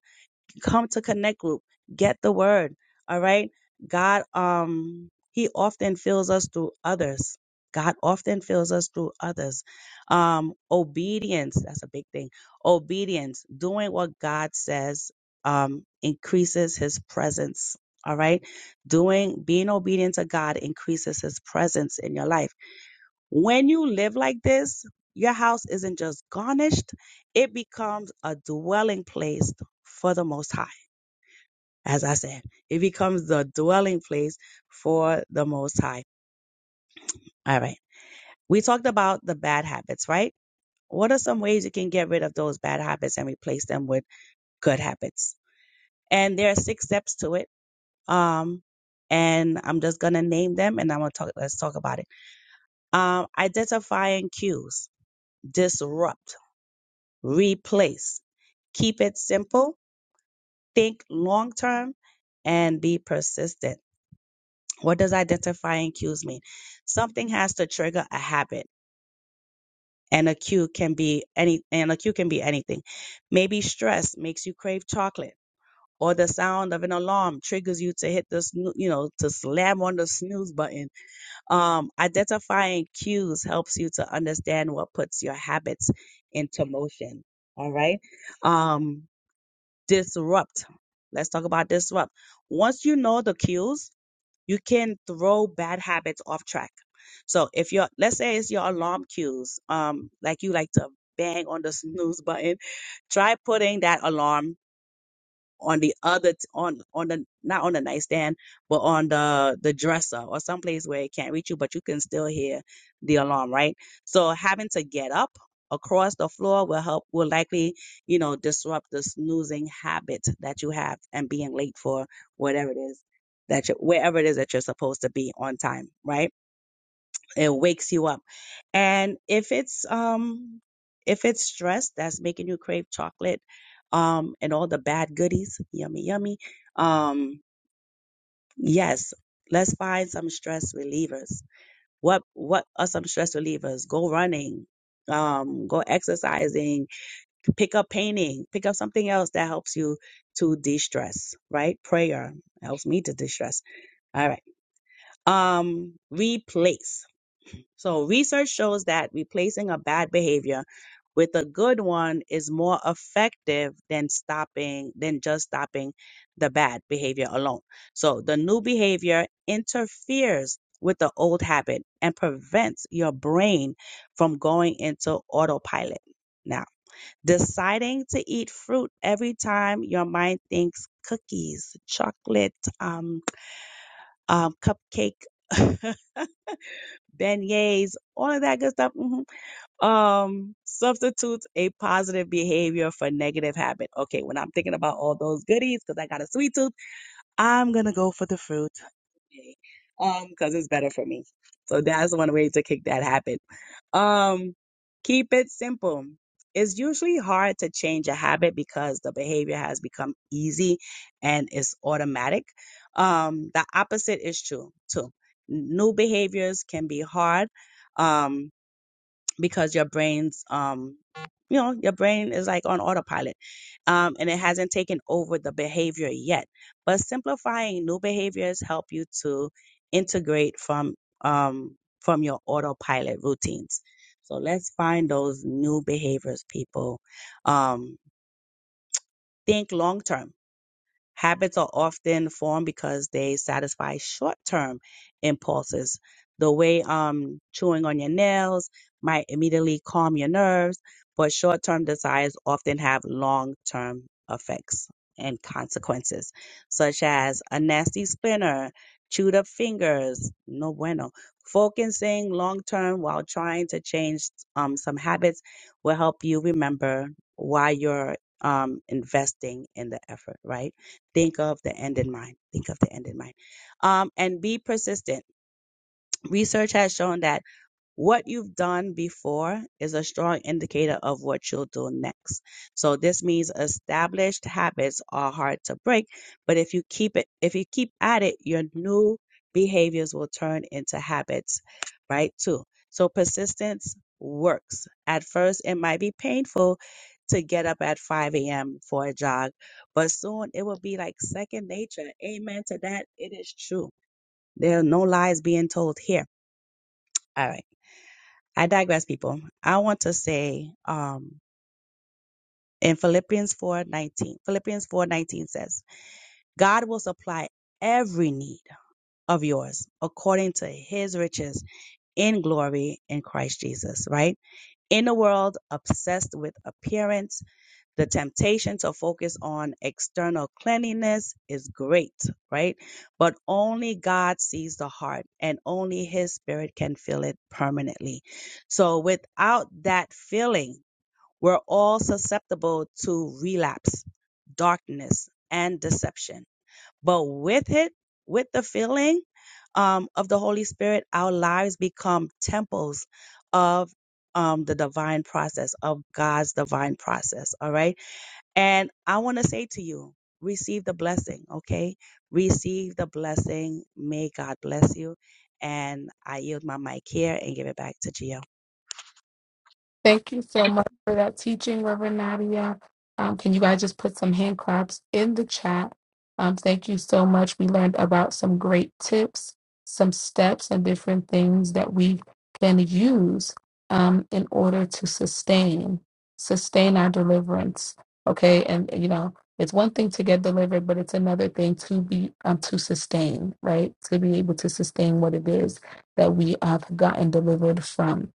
Speaker 7: come to connect group get the word all right god um he often fills us through others god often fills us through others um obedience that's a big thing obedience doing what god says um increases his presence all right doing being obedient to god increases his presence in your life when you live like this your house isn't just garnished it becomes a dwelling place for the most high as I said. It becomes the dwelling place for the Most High. All right. We talked about the bad habits, right? What are some ways you can get rid of those bad habits and replace them with good habits? And there are six steps to it. Um, and I'm just gonna name them, and I'm gonna talk. Let's talk about it. Um, identifying cues, disrupt, replace, keep it simple, think long term, and be persistent What does identifying cues mean? Something has to trigger a habit, and a cue can be any, and a cue can be anything. Maybe stress makes you crave chocolate, or the sound of an alarm triggers you to hit the, snoo- you know, to slam on the snooze button. Um, identifying cues helps you to understand what puts your habits into motion. All right. Um, disrupt. Let's talk about disrupt. Once you know the cues, you can throw bad habits off track. So if your let's say it's your alarm cues, um, like you like to bang on the *laughs* snooze button, try putting that alarm on the other t- on on the not on the nightstand but on the the dresser or someplace where it can't reach you but you can still hear the alarm right so having to get up across the floor will help will likely you know disrupt the snoozing habit that you have and being late for whatever it is that you wherever it is that you're supposed to be on time right it wakes you up. And if it's um if it's stress that's making you crave chocolate um and all the bad goodies, yummy yummy. Um yes, let's find some stress relievers. What what are some stress relievers? Go running, um go exercising, pick up painting, pick up something else that helps you to de-stress, right? Prayer helps me to de-stress. All right. Um replace. So research shows that replacing a bad behavior with a good one is more effective than stopping than just stopping the bad behavior alone. So the new behavior interferes with the old habit and prevents your brain from going into autopilot. Now, deciding to eat fruit every time your mind thinks cookies, chocolate, um, um, cupcake, *laughs* beignets, all of that good stuff. mhm, um substitutes a positive behavior for negative habit okay when i'm thinking about all those goodies because i got a sweet tooth i'm gonna go for the fruit today, um because it's better for me so that's one way to kick that habit um keep it simple it's usually hard to change a habit because the behavior has become easy and it's automatic um the opposite is true too new behaviors can be hard Um because your brain's um you know your brain is like on autopilot um and it hasn't taken over the behavior yet but simplifying new behaviors help you to integrate from um from your autopilot routines so let's find those new behaviors people um think long term Habits are often formed because they satisfy short term impulses. The way um, chewing on your nails might immediately calm your nerves, but short term desires often have long term effects and consequences, such as a nasty splinter, chewed up fingers, no bueno. Focusing long term while trying to change um, some habits will help you remember why you're um, investing in the effort, right? Think of the end in mind. Think of the end in mind. Um, and be persistent. Research has shown that what you've done before is a strong indicator of what you'll do next. So this means established habits are hard to break, but if you keep it, if you keep at it, your new behaviors will turn into habits, right? Too. So persistence works. At first, it might be painful to get up at 5 a.m. for a jog, but soon it will be like second nature. Amen to that. It is true. There are no lies being told here. All right. I digress, people. I want to say um, in Philippians four nineteen. Philippians four nineteen says, God will supply every need of yours according to his riches in glory in Christ Jesus, right? In a world obsessed with appearance, the temptation to focus on external cleanliness is great, right? But only God sees the heart and only his spirit can fill it permanently. So without that filling, We're all susceptible to relapse, darkness, and deception. But with it, with the filling um, of the Holy Spirit, our lives become temples of um, the divine process, of God's divine process. All right. And I want to say to you, receive the blessing. Okay. Receive the blessing. May God bless you. And I yield my mic here and give it back to GL.
Speaker 1: Thank you so much for that teaching, Reverend Nadia. Um, can you guys just put some hand claps in the chat? Um, thank you so much. We learned about some great tips, some steps, and different things that we can use um, in order to sustain sustain our deliverance. Okay, and you know it's one thing to get delivered, but it's another thing to be um, to sustain, right? To be able to sustain what it is that we have gotten delivered from.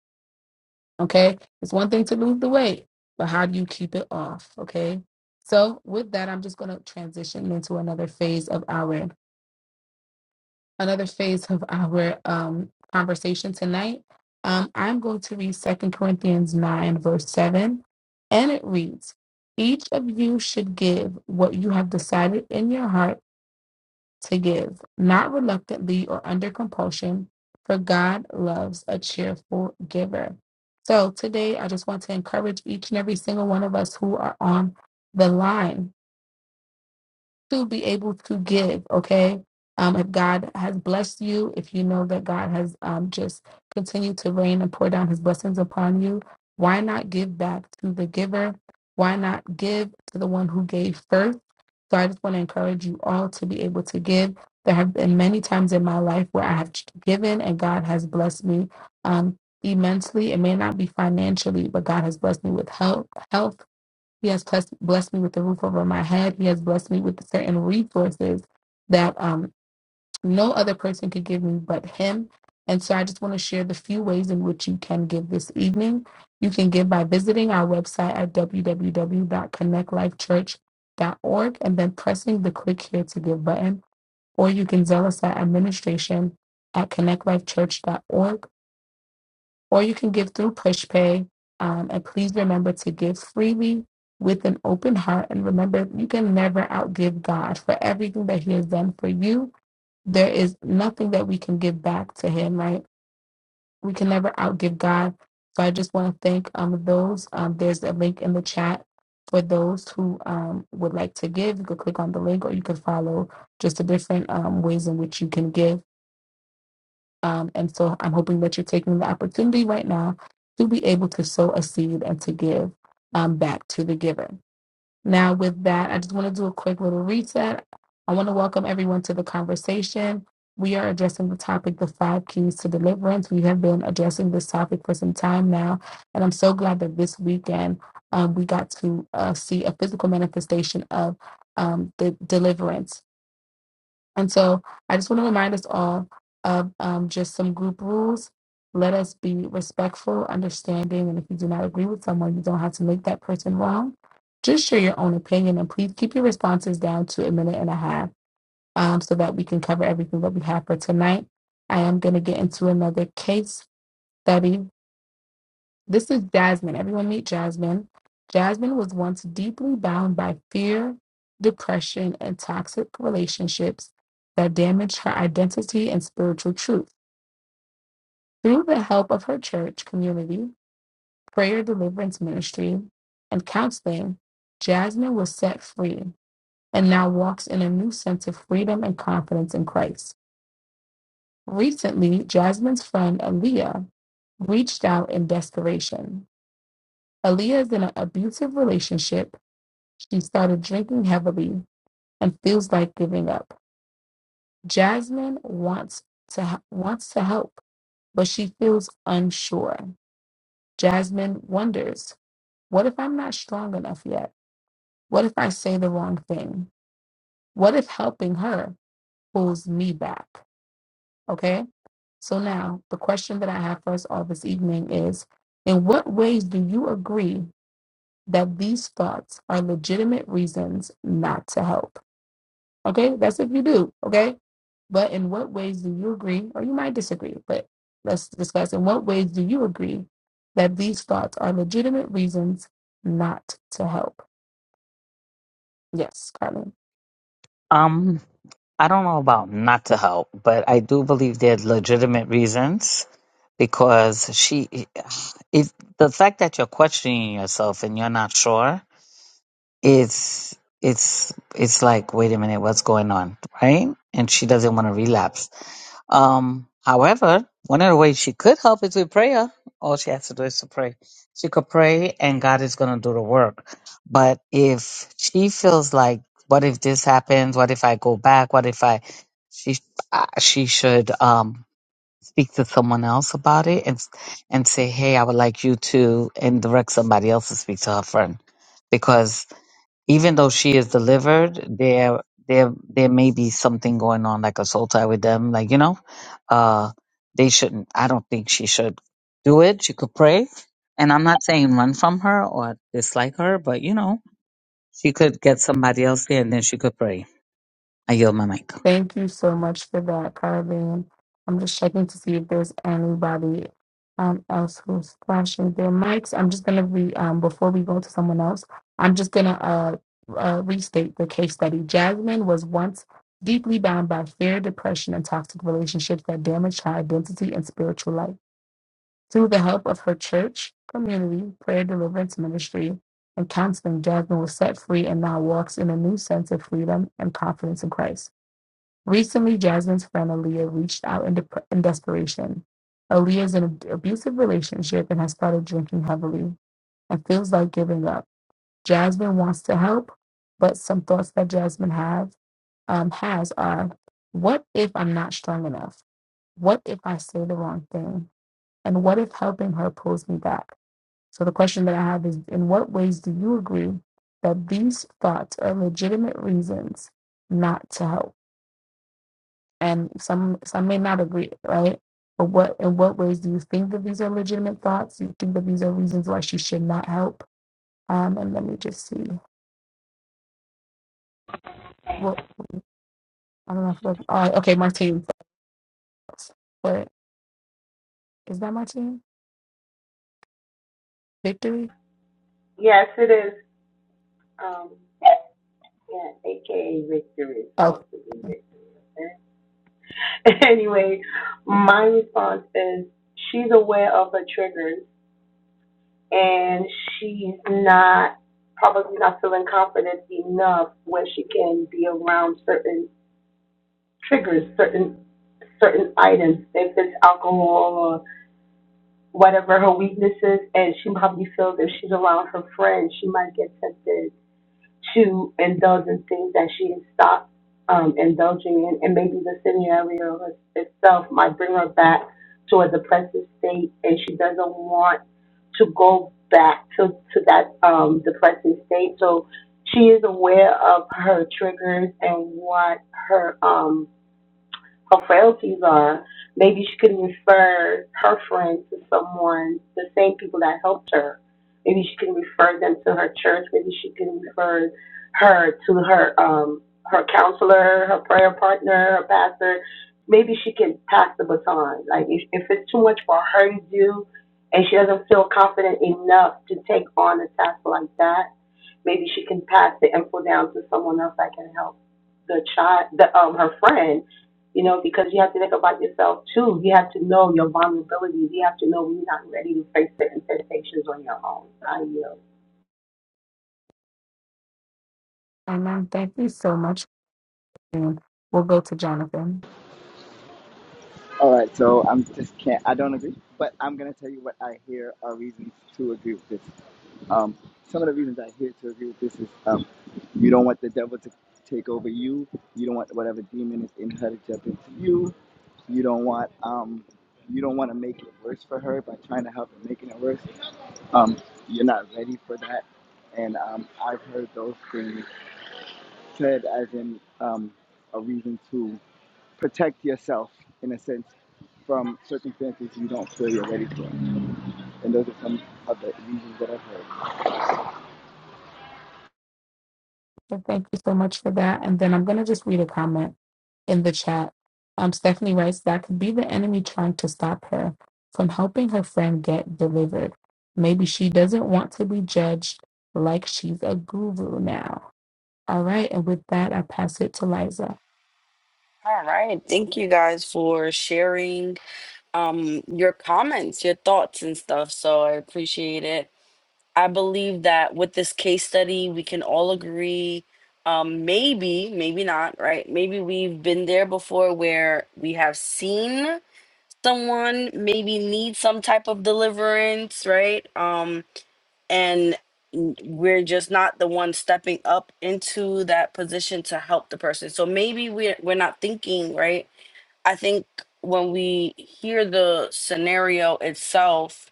Speaker 1: Okay. It's one thing to lose the weight, but how do you keep it off? Okay. So with that, I'm just going to transition into another phase of our another phase of our um, conversation tonight. Um, I'm going to read Second Corinthians 9, verse 7, and it reads, Each of you should give what you have decided in your heart to give, not reluctantly or under compulsion, for God loves a cheerful giver. So today, I just want to encourage each and every single one of us who are on the line to be able to give, okay? Um, if God has blessed you, if you know that God has um, just continued to rain and pour down his blessings upon you, why not give back to the giver? Why not give to the one who gave first? So I just want to encourage you all to be able to give. There have been many times in my life where I have given and God has blessed me um, immensely. It may not be financially, but God has blessed me with health, health he has blessed, blessed me with the roof over my head. He has blessed me with certain resources that um, no other person could give me but Him. And so I just want to share the few ways in which you can give this evening. You can give by visiting our website at w w w dot connect life church dot org and then pressing the click here to give button, or you can zell us at administration at connect life church dot org or you can give through PushPay. Um, and please remember to give freely with an open heart. And remember, you can never outgive God for everything that He has done for you. There is nothing that we can give back to Him, right? We can never outgive God. So I just want to thank um, those. Um, there's a link in the chat for those who um, would like to give. You could click on the link or you could follow just the different um, ways in which you can give. Um, and so I'm hoping that you're taking the opportunity right now to be able to sow a seed and to give um, back to the giver. Now, with that, I just want to do a quick little reset. I want to welcome everyone to the conversation. We are addressing the topic, the five keys to deliverance. We have been addressing this topic for some time now. And I'm so glad that this weekend um, we got to uh, see a physical manifestation of um, the deliverance and so I just want to remind us all of um, just some group rules. Let us be respectful, understanding, and if you do not agree with someone, you don't have to make that person wrong. Just share your own opinion and please keep your responses down to a minute and a half um, so that we can cover everything that we have for tonight. I am going to get into another case study this is Jasmine. Everyone meet Jasmine. Jasmine was once deeply bound by fear, depression, and toxic relationships that damaged her identity and spiritual truth. Through the help of her church community, prayer deliverance ministry, and counseling, Jasmine was set free and now walks in a new sense of freedom and confidence in Christ. Recently, Jasmine's friend Aaliyah reached out in desperation. Aaliyah is in an abusive relationship She started drinking heavily and feels like giving up. Jasmine wants to h- wants to help, but she feels unsure. Jasmine wonders, what if I'm not strong enough yet? What if I say the wrong thing? What if helping her pulls me back? Okay? So now, the question that I have for us all this evening is, in what ways do you agree that these thoughts are legitimate reasons not to help? Okay, that's if you do. Okay, but in what ways do you agree, or you might disagree, but let's discuss in what ways do you agree that these thoughts are legitimate reasons not to help? Yes, Carmen.
Speaker 3: Um, I don't know about not to help, but I do believe there's legitimate reasons because she, if the fact that you're questioning yourself and you're not sure, it's it's it's like, wait a minute, what's going on, right? And she doesn't want to relapse. Um, however, one of the ways she could help is with prayer. All she has to do is to pray. She could pray and God is going to do the work. But if she feels like, what if this happens? What if I go back? What if I, she, uh, she should, um, speak to someone else about it and, and say, Hey, I would like you to, and direct somebody else to speak to her friend because even though she is delivered, there there there may be something going on like a soul tie with them. Like, you know, uh they shouldn't I don't think she should do it. She could pray. And I'm not saying run from her or dislike her, but you know, she could get somebody else there and then she could pray. I yield my mic.
Speaker 1: Thank you so much for that, Carlene. I'm just checking to see if there's anybody um, else who's flashing their mics. I'm just gonna re um, before we go to someone else. I'm just gonna uh, uh, restate the case study. Jasmine was once deeply bound by fear, depression, and toxic relationships that damaged her identity and spiritual life. Through the help of her church, community, prayer deliverance ministry, and counseling, Jasmine was set free and now walks in a new sense of freedom and confidence in Christ. Recently, Jasmine's friend Aaliyah reached out in, dep- in desperation. Aaliyah is in an abusive relationship and has started drinking heavily and feels like giving up. Jasmine wants to help, but some thoughts that Jasmine have, um, has are what if I'm not strong enough? What if I say the wrong thing? And what if helping her pulls me back? So, the question that I have is in what ways do you agree that these thoughts are legitimate reasons not to help? and some some may not agree, right? But what in what ways do you think that these are legitimate thoughts? Do you think that these are reasons why she should not help? Um, and let me just see. Well, I don't know if that, all right, okay, Martine. thoughts. But is that Martine? Victory?
Speaker 9: Yes, it is. Um, yeah, AKA Victor is
Speaker 1: Okay.
Speaker 9: supposed to be Victor. okay? *laughs* anyway, my response is she's aware of her triggers and she's not probably not feeling confident enough where she can be around certain triggers, certain certain items, if it's alcohol or whatever her weakness is, and she probably feels if she's around her friends, she might get tempted to indulge in things that she has stopped um, indulging in, and maybe the scenario itself might bring her back to a depressive state, and she doesn't want to go back to, to that um, depressive state. So she is aware of her triggers and what her um, her frailties are. Maybe she could refer her friends to someone, the same people that helped her. Maybe she can refer them to her church. Maybe she can refer her to her um her counselor, her prayer partner, her pastor. Maybe she can pass the baton. Like if, if it's too much for her to do, and she doesn't feel confident enough to take on a task like that, maybe she can pass the info down to someone else that can help the child, the um her friend you know, because you have to think about yourself too. You have to know your vulnerabilities. You have to know when you're not ready to face certain temptations on your own. I yield.
Speaker 1: And then thank you so much. Martine. we'll go to Jonathan.
Speaker 6: All right, so I'm just can't. I don't agree, but I'm gonna tell you what I hear are reasons to agree with this. Um, some of the reasons I hear to agree with this is um, you don't want the devil to take over you. You don't want whatever demon is in her to jump into you. You don't want um, you don't want to make it worse for her by trying to help and making it worse. Um, you're not ready for that, and um, I've heard those things said as in um, a reason to protect yourself in a sense from circumstances you don't feel you're ready for. And those are some of the reasons that I've heard.
Speaker 1: Well, thank you so much for that. And then I'm going to just read a comment in the chat. Um, Stephanie writes, that could be the enemy trying to stop her from helping her friend get delivered. Maybe she doesn't want to be judged like she's a guru now. All right. And with that, I pass it to Liza.
Speaker 5: All right. Thank you guys for sharing um your comments, your thoughts and stuff. So I appreciate it. I believe that with this case study, we can all agree um maybe, maybe not, right? Maybe we've been there before where we have seen someone maybe need some type of deliverance, right? Um and we're just not the one stepping up into that position to help the person. So maybe we're we're not thinking right. I think when we hear the scenario itself,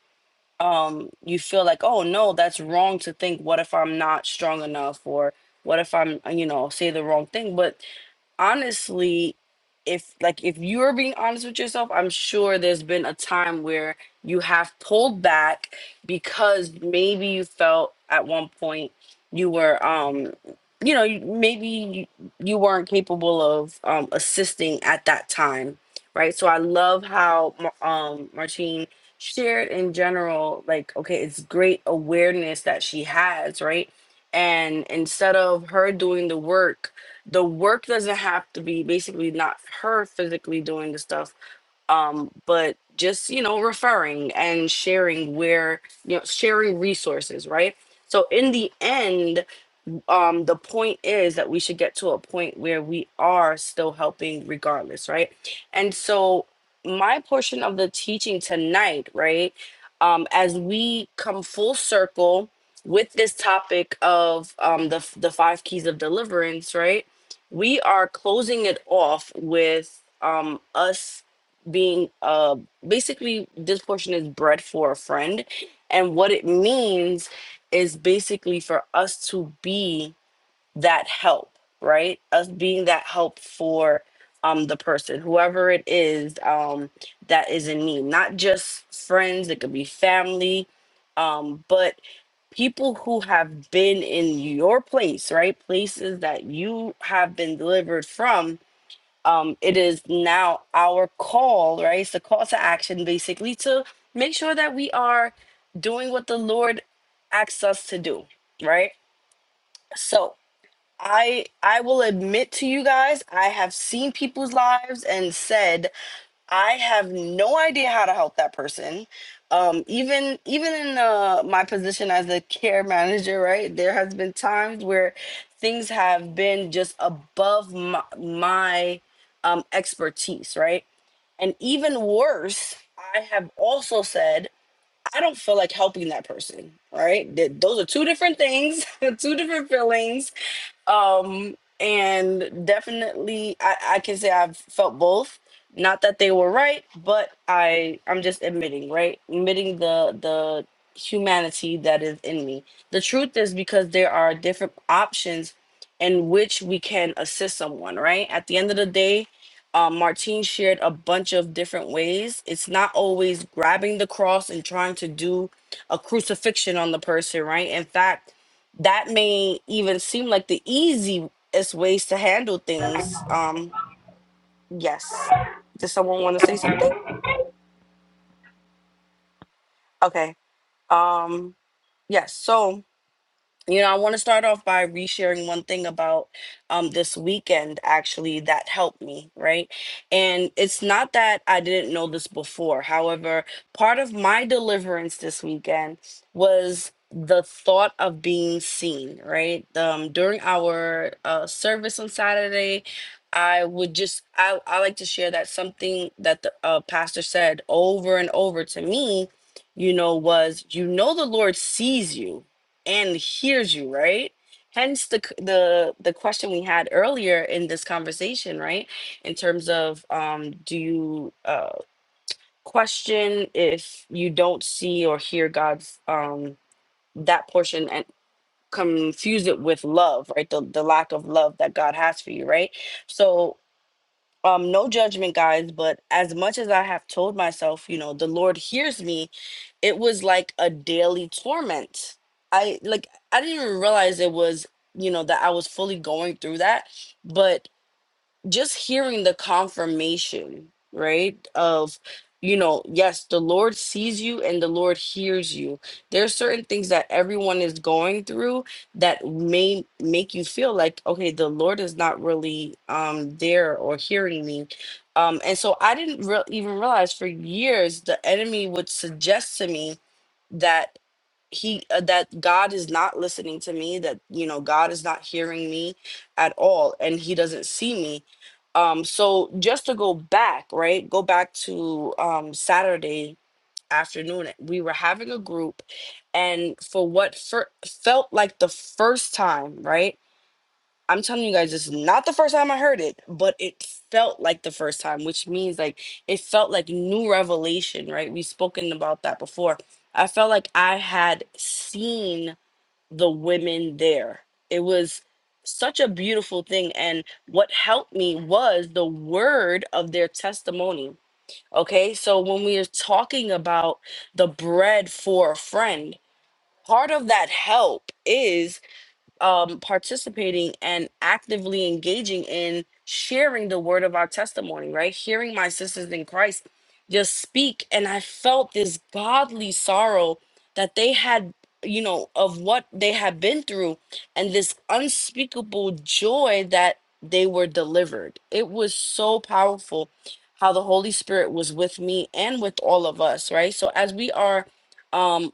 Speaker 5: um, you feel like, oh no, that's wrong to think. What if I'm not strong enough, or what if I'm you know say the wrong thing? But honestly if like if you're being honest with yourself i'm sure there's been a time where you have pulled back because maybe you felt at one point you were um you know you- maybe you, you weren't capable of um assisting at that time right so i love how Ma- um martine shared in general like okay it's great awareness that she has right and instead of her doing the work the work doesn't have to be basically not her physically doing the stuff um but just you know referring and sharing where you know sharing resources right so in the end um the point is that we should get to a point where we are still helping regardless right and so my portion of the teaching tonight right um as we come full circle with this topic of um the the five keys of deliverance right we are closing it off with um us being uh basically this portion is bread for a friend and what it means is basically for us to be that help, right? Us being that help for um the person, whoever it is um that is in need. Not just friends, it could be family, um, but people who have been in your place, right? Places that you have been delivered from. Um, it is now our call, right? It's a call to action basically to make sure that we are doing what the Lord asks us to do, right? So I I will admit to you guys, I have seen people's lives and said I have no idea how to help that person. Um, even even in uh, my position as a care *laughs* manager, right, there has been times where things have been just above my, my um, expertise, right? And even worse, I have also said, I don't feel like helping that person, right? Th- those are two different things, *laughs* two different feelings um and definitely I, I can say i've felt both not that they were right but i i'm just admitting right admitting the the humanity that is in me the truth is because there are different options in which we can assist someone right at the end of the day um, martine shared a bunch of different ways it's not always grabbing the cross and trying to do a crucifixion on the person right in fact that may even seem like the easiest ways to handle things. Um, yes. Does someone want to say something? Okay. Um, yes. so You know, I want to start off by resharing one thing about um, this weekend actually that helped me, right? And it's not that I didn't know this before. However, part of my deliverance this weekend was the thought of being seen, right? Um, during our uh, service on Saturday, I would just, I, I like to share that something that the uh, pastor said over and over to me, you know, was, you know, the Lord sees you and hears you right hence the c- the the question we had earlier in this conversation right in terms of um do you uh question if you don't see or hear god's um that portion and confuse it with love right the, the lack of love that god has for you right so um no judgment guys but as much as i have told myself you know the lord hears me it was like a daily torment i like i didn't even realize it was you know that i was fully going through that but just hearing the confirmation, right? Of, you know, yes, the Lord sees you and the Lord hears you. There are certain things that everyone is going through that may make you feel like, okay, the Lord is not really um there or hearing me. Um, and so I didn't re- even realize for years the enemy would suggest to me that he uh, that god is not listening to me that you know god is not hearing me at all and he doesn't see me um so just to go back right go back to um saturday afternoon we were having a group and for what fir- felt like the first time right I'm telling you guys, this is not the first time I heard it, but it felt like the first time, which means like it felt like new revelation, right? We've spoken about that before. I felt like I had seen the women there. It was such a beautiful thing. And what helped me was the word of their testimony. Okay. So when we are talking about the bread for a friend, part of that help is um, participating and actively engaging in sharing the word of our testimony, right? Hearing my sisters in Christ just speak. And I felt this godly sorrow that they had, you know, of what they had been through and this unspeakable joy that they were delivered. It was so powerful how the Holy Spirit was with me and with all of us, right? So as we are. Um,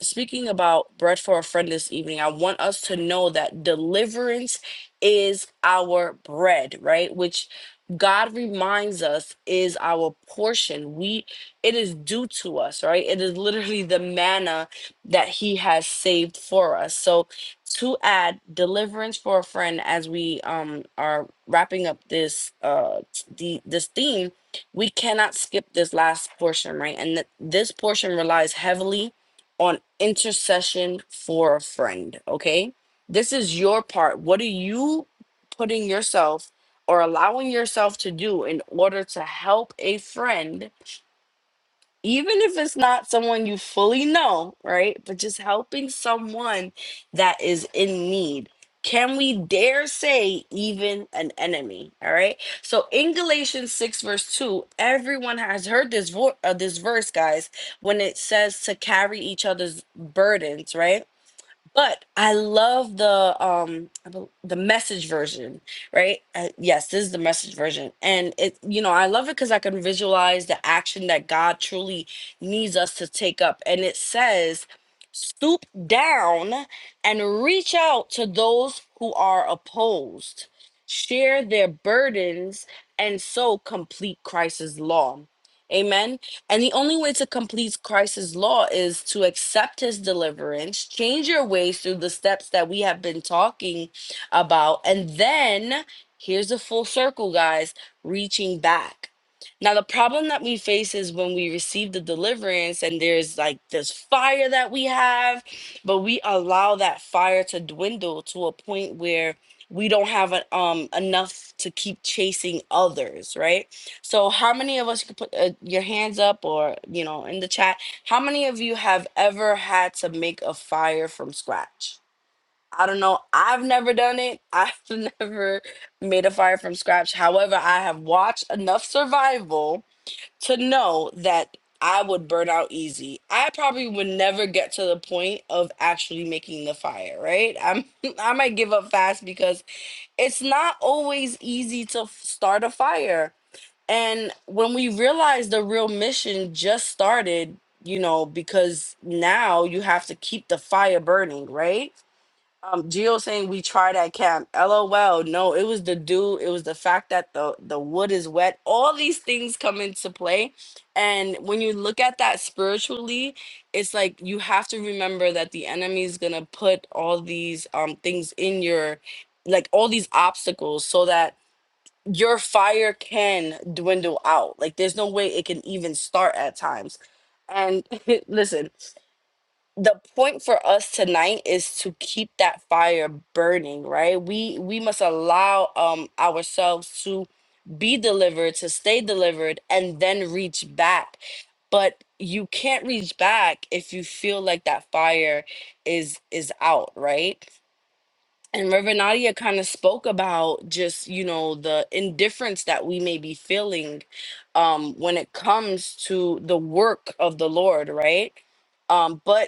Speaker 5: speaking about bread for a friend this evening, I want us to know that deliverance is our bread, right? Which God reminds us is our portion. We it is due to us, right? It is literally the manna that he has saved for us. So to add deliverance for a friend as we um are wrapping up this uh the this theme, we cannot skip this last portion, right? And th- this portion relies heavily on intercession for a friend, okay? This is your part. What are you putting yourself or allowing yourself to do in order to help a friend even if it's not someone you fully know, right? But just helping someone that is in need. Can we dare say even an enemy? All right. So in Galatians 6, verse 2, everyone has heard this, vo- uh, this verse, guys, when it says to carry each other's burdens, right? But I love the um I bel- the message version, right? Uh, yes, this is the message version, and it you know I love it because I can visualize the action that God truly needs us to take up, and it says, "Stoop down and reach out to those who are opposed, share their burdens, and so complete Christ's law." Amen and the only way to complete Christ's law is to accept his deliverance, change your ways through the steps that we have been talking about. And then here's a full circle, guys, reaching back. Now, the problem that we face is when we receive the deliverance and there's like this fire that we have, but we allow that fire to dwindle to a point where we don't have a, um enough to keep chasing others, right? So, how many of us you could put uh, your hands up or, you know, in the chat? How many of you have ever had to make a fire from scratch? I don't know. I've never done it. *laughs* I've never made a fire from scratch. However, I have watched enough survival to know that I would burn out easy. I probably would never get to the point of actually making the fire, right? I'm *laughs* I might give up fast because it's not always easy to f- start a fire and when we realized the real mission just started, you know, because now you have to keep the fire burning, right? Um, Geo saying we tried at camp. LOL. No, it was the dew. It was the fact that the the wood is wet. All these things come into play, and when you look at that spiritually, it's like you have to remember that the enemy is gonna put all these um things in your, like all these obstacles, so that your fire can dwindle out. Like there's no way it can even start at times. And *laughs* listen, the point for us tonight is to keep that fire burning, right? We we must allow um ourselves to be delivered, to stay delivered and then reach back. But you can't reach back if you feel like that fire is is out, right? and Reverend Nadia kind of spoke about just, you know, the indifference that we may be feeling um, when it comes to the work of the Lord, right? Um, but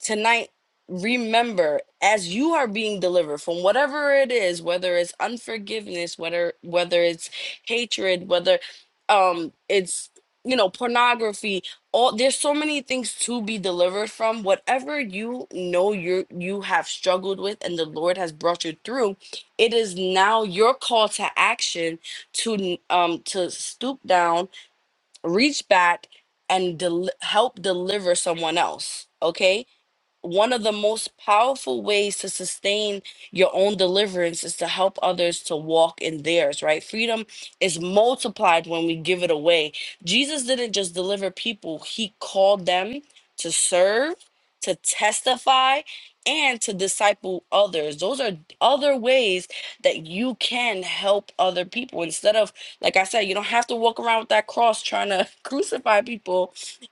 Speaker 5: tonight remember as you are being delivered from whatever it is whether it's unforgiveness whether whether it's hatred whether um it's you know pornography all there's so many things to be delivered from whatever you know you you have struggled with and the lord has brought you through it is now your call to action to um to stoop down reach back and del- help deliver someone else okay one of the most powerful ways to sustain your own deliverance is to help others to walk in theirs, right? Freedom is multiplied when we give it away. Jesus didn't just deliver people, he called them to serve, to testify, and to disciple others. Those are other ways that you can help other people. Instead of, like I said, you don't have to walk around with that cross trying to *laughs* crucify people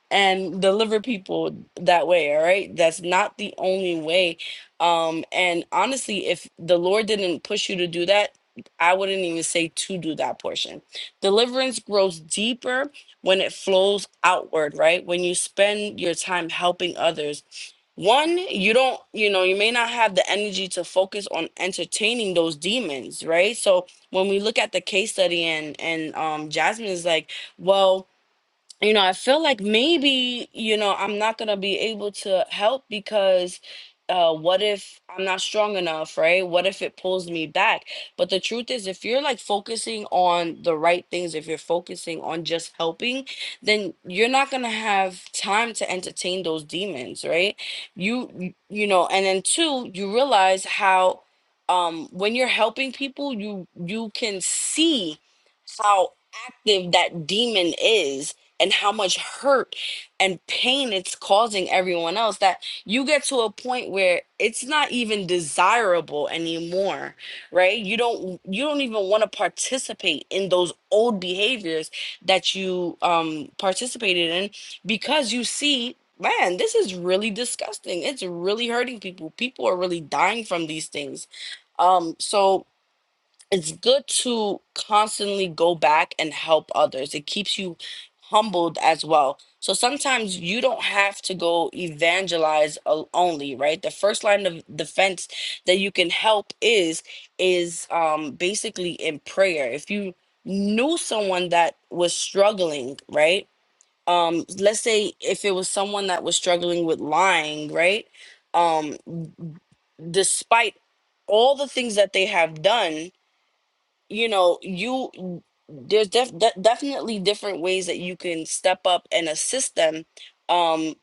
Speaker 5: and deliver people that way all right that's not the only way um and honestly if the lord didn't push you to do that i wouldn't even say to do that portion deliverance grows deeper when it flows outward right when you spend your time helping others one you don't you know you may not have the energy to focus on entertaining those demons right so when we look at the case study and and um jasmine is like well you know, I feel like maybe, you know, I'm not going to be able to help because uh, what if I'm not strong enough, right? What if it pulls me back? But the truth is, if you're like focusing on the right things, if you're focusing on just helping, then you're not going to have time to entertain those demons, right? You, you you know, and then two, you realize how. Um, when you're helping people, you you can see how active that demon is and how much hurt and pain it's causing everyone else that you get to a point where it's not even desirable anymore right you don't you don't even want to participate in those old behaviors that you um participated in because you see man this is really disgusting it's really hurting people people are really dying from these things um so it's good to constantly go back and help others. It keeps you humbled as well. So sometimes you don't have to go evangelize al- only, right? The first line of defense that you can help is is um basically in prayer. If you knew someone that was struggling, right? Um let's say if it was someone that was struggling with lying, right? Um despite all the things that they have done you know you mm, there's def- de- definitely different ways that you can step up and assist them um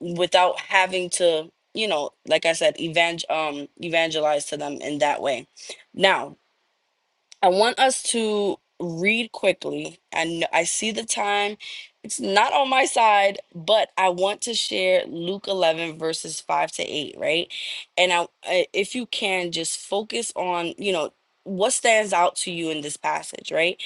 Speaker 5: without having to you know like i said evang- um evangelize to them in that way now I want us to read quickly. I know, I see the time. It's not on my side, but I want to share Luke 11 verses 5 to 8, right? And I I- if you can just focus on, you know, what stands out to you in this passage, right?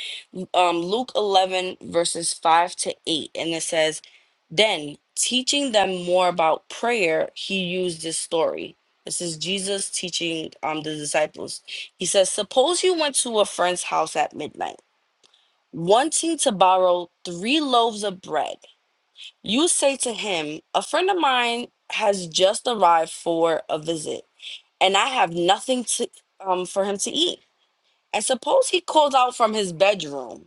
Speaker 5: um, Luke 11, verses 5 to 8, and it says, Then teaching them more about prayer, he used this story. This is Jesus teaching um, the disciples. He says, Suppose you went to a friend's house at midnight, wanting to borrow three loaves of bread. You say to him, 'A friend of mine has just arrived for a visit, and I have nothing to, um, for him to eat. And suppose he calls out from his bedroom.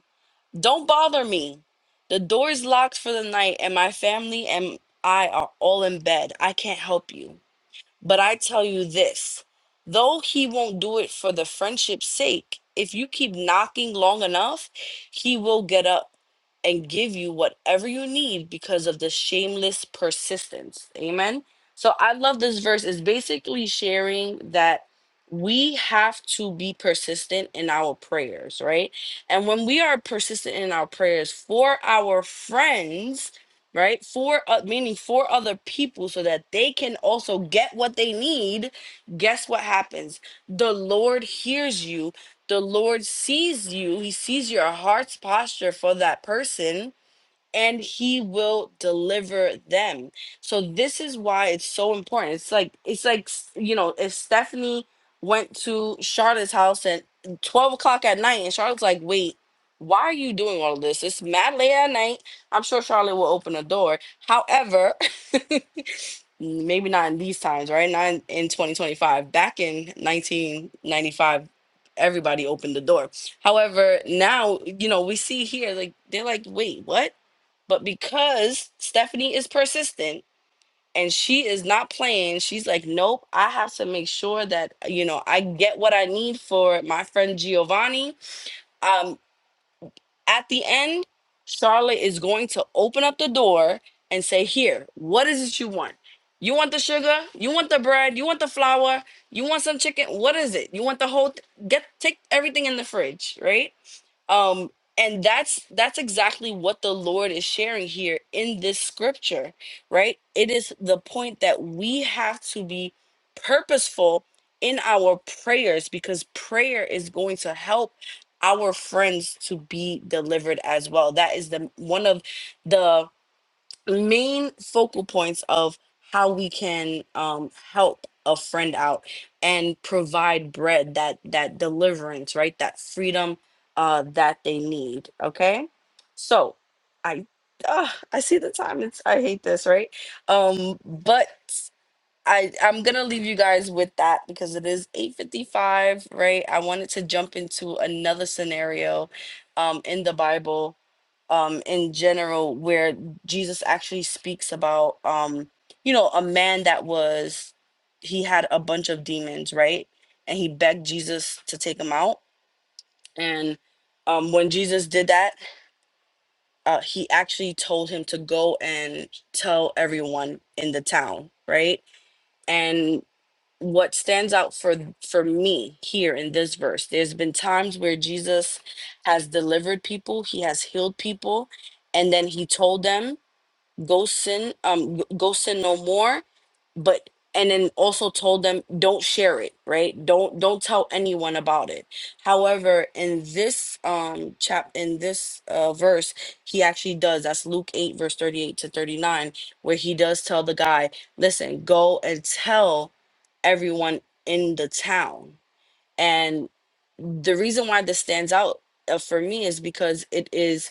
Speaker 5: Don't bother me. The door is locked for the night, and my family and I are all in bed. I can't help you. But I tell you this though he won't do it for the friendship's sake, if you keep knocking long enough, he will get up and give you whatever you need because of the shameless persistence. Amen. So I love this verse. It's basically sharing that we have to be persistent in our prayers, right? And when we are persistent in our prayers for our friends, right? For uh, meaning for other people so that they can also get what they need. Guess what happens? The Lord hears you. The Lord sees you. He sees your heart's posture for that person and he will deliver them. So this is why it's so important. It's like it's like s- you know, if Stephanie went to Charlotte's house at twelve o'clock at night, and Charlotte's like, "Wait, why are you doing all of this? It's mad late at night." I'm sure Charlotte will open the door. However, *laughs* maybe not in these times, right? Not in, in 2025. Back in 1995, everybody opened the door. However, now you know we see here like they're like, "Wait, what?" But because Stephanie is persistent and she is not playing, she's like, nope, I have to make sure that, you know, I get what I need for my friend Giovanni. Um, at the end, Charlotte is going to open up the door and say, here, what is it you want? You want the sugar? You want the bread? You want the flour? You want some chicken? What is it? You want the whole? th- get take everything in the fridge, right? um and that's that's exactly what the lord is sharing here in this scripture right it is the point that we have to be purposeful in our prayers because prayer is going to help our friends to be delivered as well that is the one of the main focal points of how we can um, help a friend out and provide bread that that deliverance right that freedom uh that they need okay so i uh, i see the time it's i hate this right um but i i'm gonna leave you guys with that because it is 8.55 right i wanted to jump into another scenario um in the bible um in general where Jesus actually speaks about um you know a man that was he had a bunch of demons right and he begged Jesus to take him out and um when Jesus did that uh he actually told him to go and tell everyone in the town right and what stands out for for me here in this verse there's been times where Jesus has delivered people he has healed people and then he told them go sin um go sin no more but and then also told them don't share it right don't don't tell anyone about it however in this um chap in this uh verse he actually does that's luke 8 verse 38 to 39 where he does tell the guy listen go and tell everyone in the town and the reason why this stands out uh, for me is because it is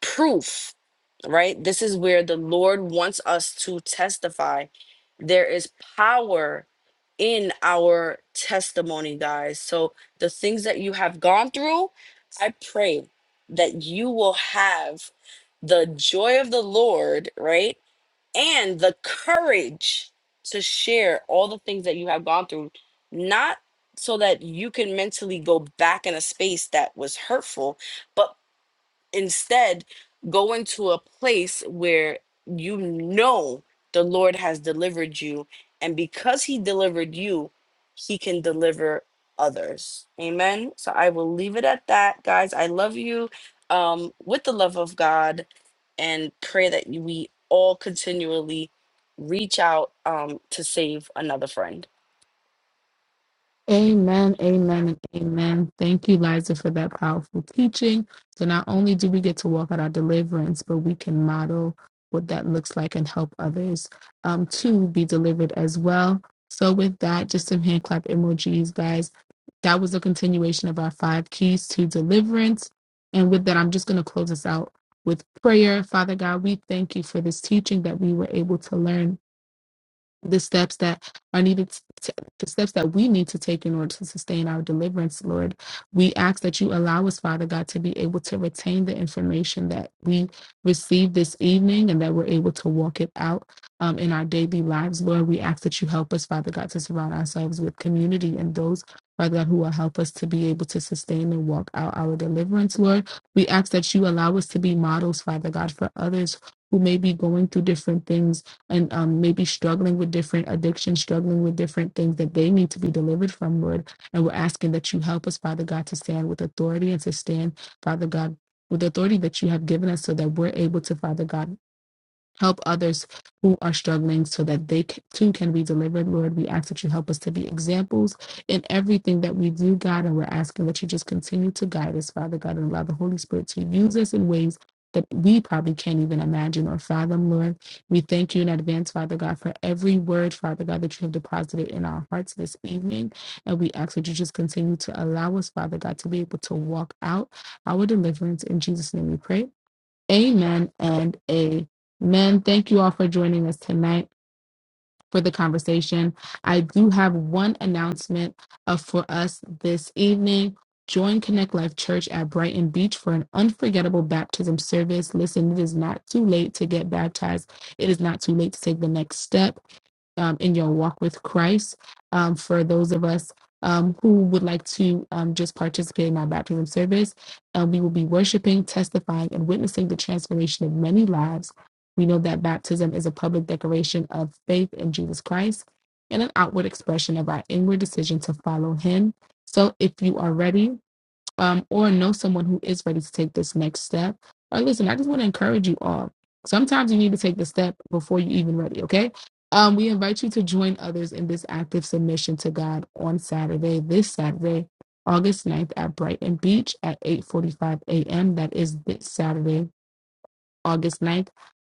Speaker 5: proof, right? This is where the Lord wants us to testify. There is power in our testimony, guys. So the things that you have gone through, I pray that you will have the joy of the Lord, right? And the courage to share all the things that you have gone through, not so that you can mentally go back in a space that was hurtful, but instead go into a place where you know the Lord has delivered you, and because He delivered you, He can deliver others. Amen. So I will leave it at that, guys. I love you um, with the love of God, and pray that we all continually reach out um, to save another friend.
Speaker 1: Amen, amen, and amen. Thank you, Liza, for that powerful teaching. So, not only do we get to walk out our deliverance, but we can model what that looks like and help others um, to be delivered as well. So, with that, just some hand clap emojis, guys. That was a continuation of our five keys to deliverance. And with that, I'm just going to close us out with prayer. Father God, we thank you for this teaching that we were able to learn the steps that are needed to, the steps that we need to take in order to sustain our deliverance lord we ask that you allow us father god to be able to retain the information that we received this evening and that we're able to walk it out um, in our daily lives lord we ask that you help us father god to surround ourselves with community and those Father God, who will help us to be able to sustain and walk out our deliverance, Lord. We ask that you allow us to be models, Father God, for others who may be going through different things and um, maybe struggling with different addictions, struggling with different things that they need to be delivered from, Lord. And we're asking that you help us, Father God, to stand with authority and to stand, Father God, with the authority that you have given us so that we're able to, Father God, Help others who are struggling so that they c- too can be delivered. Lord, we ask that you help us to be examples in everything that we do, God. And we're asking that you just continue to guide us, Father God, and allow the Holy Spirit to use us in ways that we probably can't even imagine or fathom, Lord. We thank you in advance, Father God, for every word, Father God, that you have deposited in our hearts this evening. And we ask that you just continue to allow us, Father God, to be able to walk out our deliverance. In Jesus' name we pray. Amen and amen. Thank you all for joining us tonight for the conversation. I do have one announcement uh, for us this evening. Join Connect Life Church at Brighton Beach for an unforgettable baptism service. Listen, it is not too late to get baptized. It is not too late to take the next step um, in your walk with Christ. Um, for those of us um, who would like to um, just participate in our baptism service, um, we will be worshiping, testifying, and witnessing the transformation of many lives. We know that baptism is a public declaration of faith in Jesus Christ and an outward expression of our inward decision to follow Him. So if you are ready, um, or know someone who is ready to take this next step. Or listen, I just want to encourage you all. Sometimes you need to take the step before you even ready, okay? Um, we invite you to join others in this active submission to God on Saturday, this Saturday, August ninth at Brighton Beach at 8.45 a.m. That is this Saturday. August ninth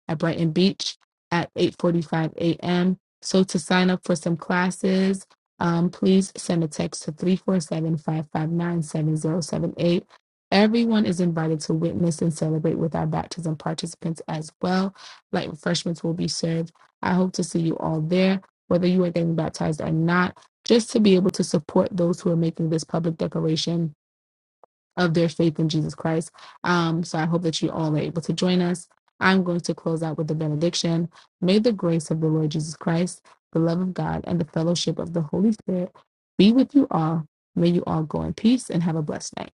Speaker 1: at Brighton Beach at 8:45 a.m. So to sign up for some classes, um, please send a text to 3475597078. Everyone is invited to witness and celebrate with our baptism participants as well. Light refreshments will be served. I hope to see you all there, whether you are getting baptized or not, just to be able to support those who are making this public declaration of their faith in Jesus Christ. Um, so I hope that you all are able to join us. I'm going to close out with the benediction. May the grace of the Lord Jesus Christ, the love of God, and the fellowship of the Holy Spirit be with you all. May you all go in peace and have a blessed night.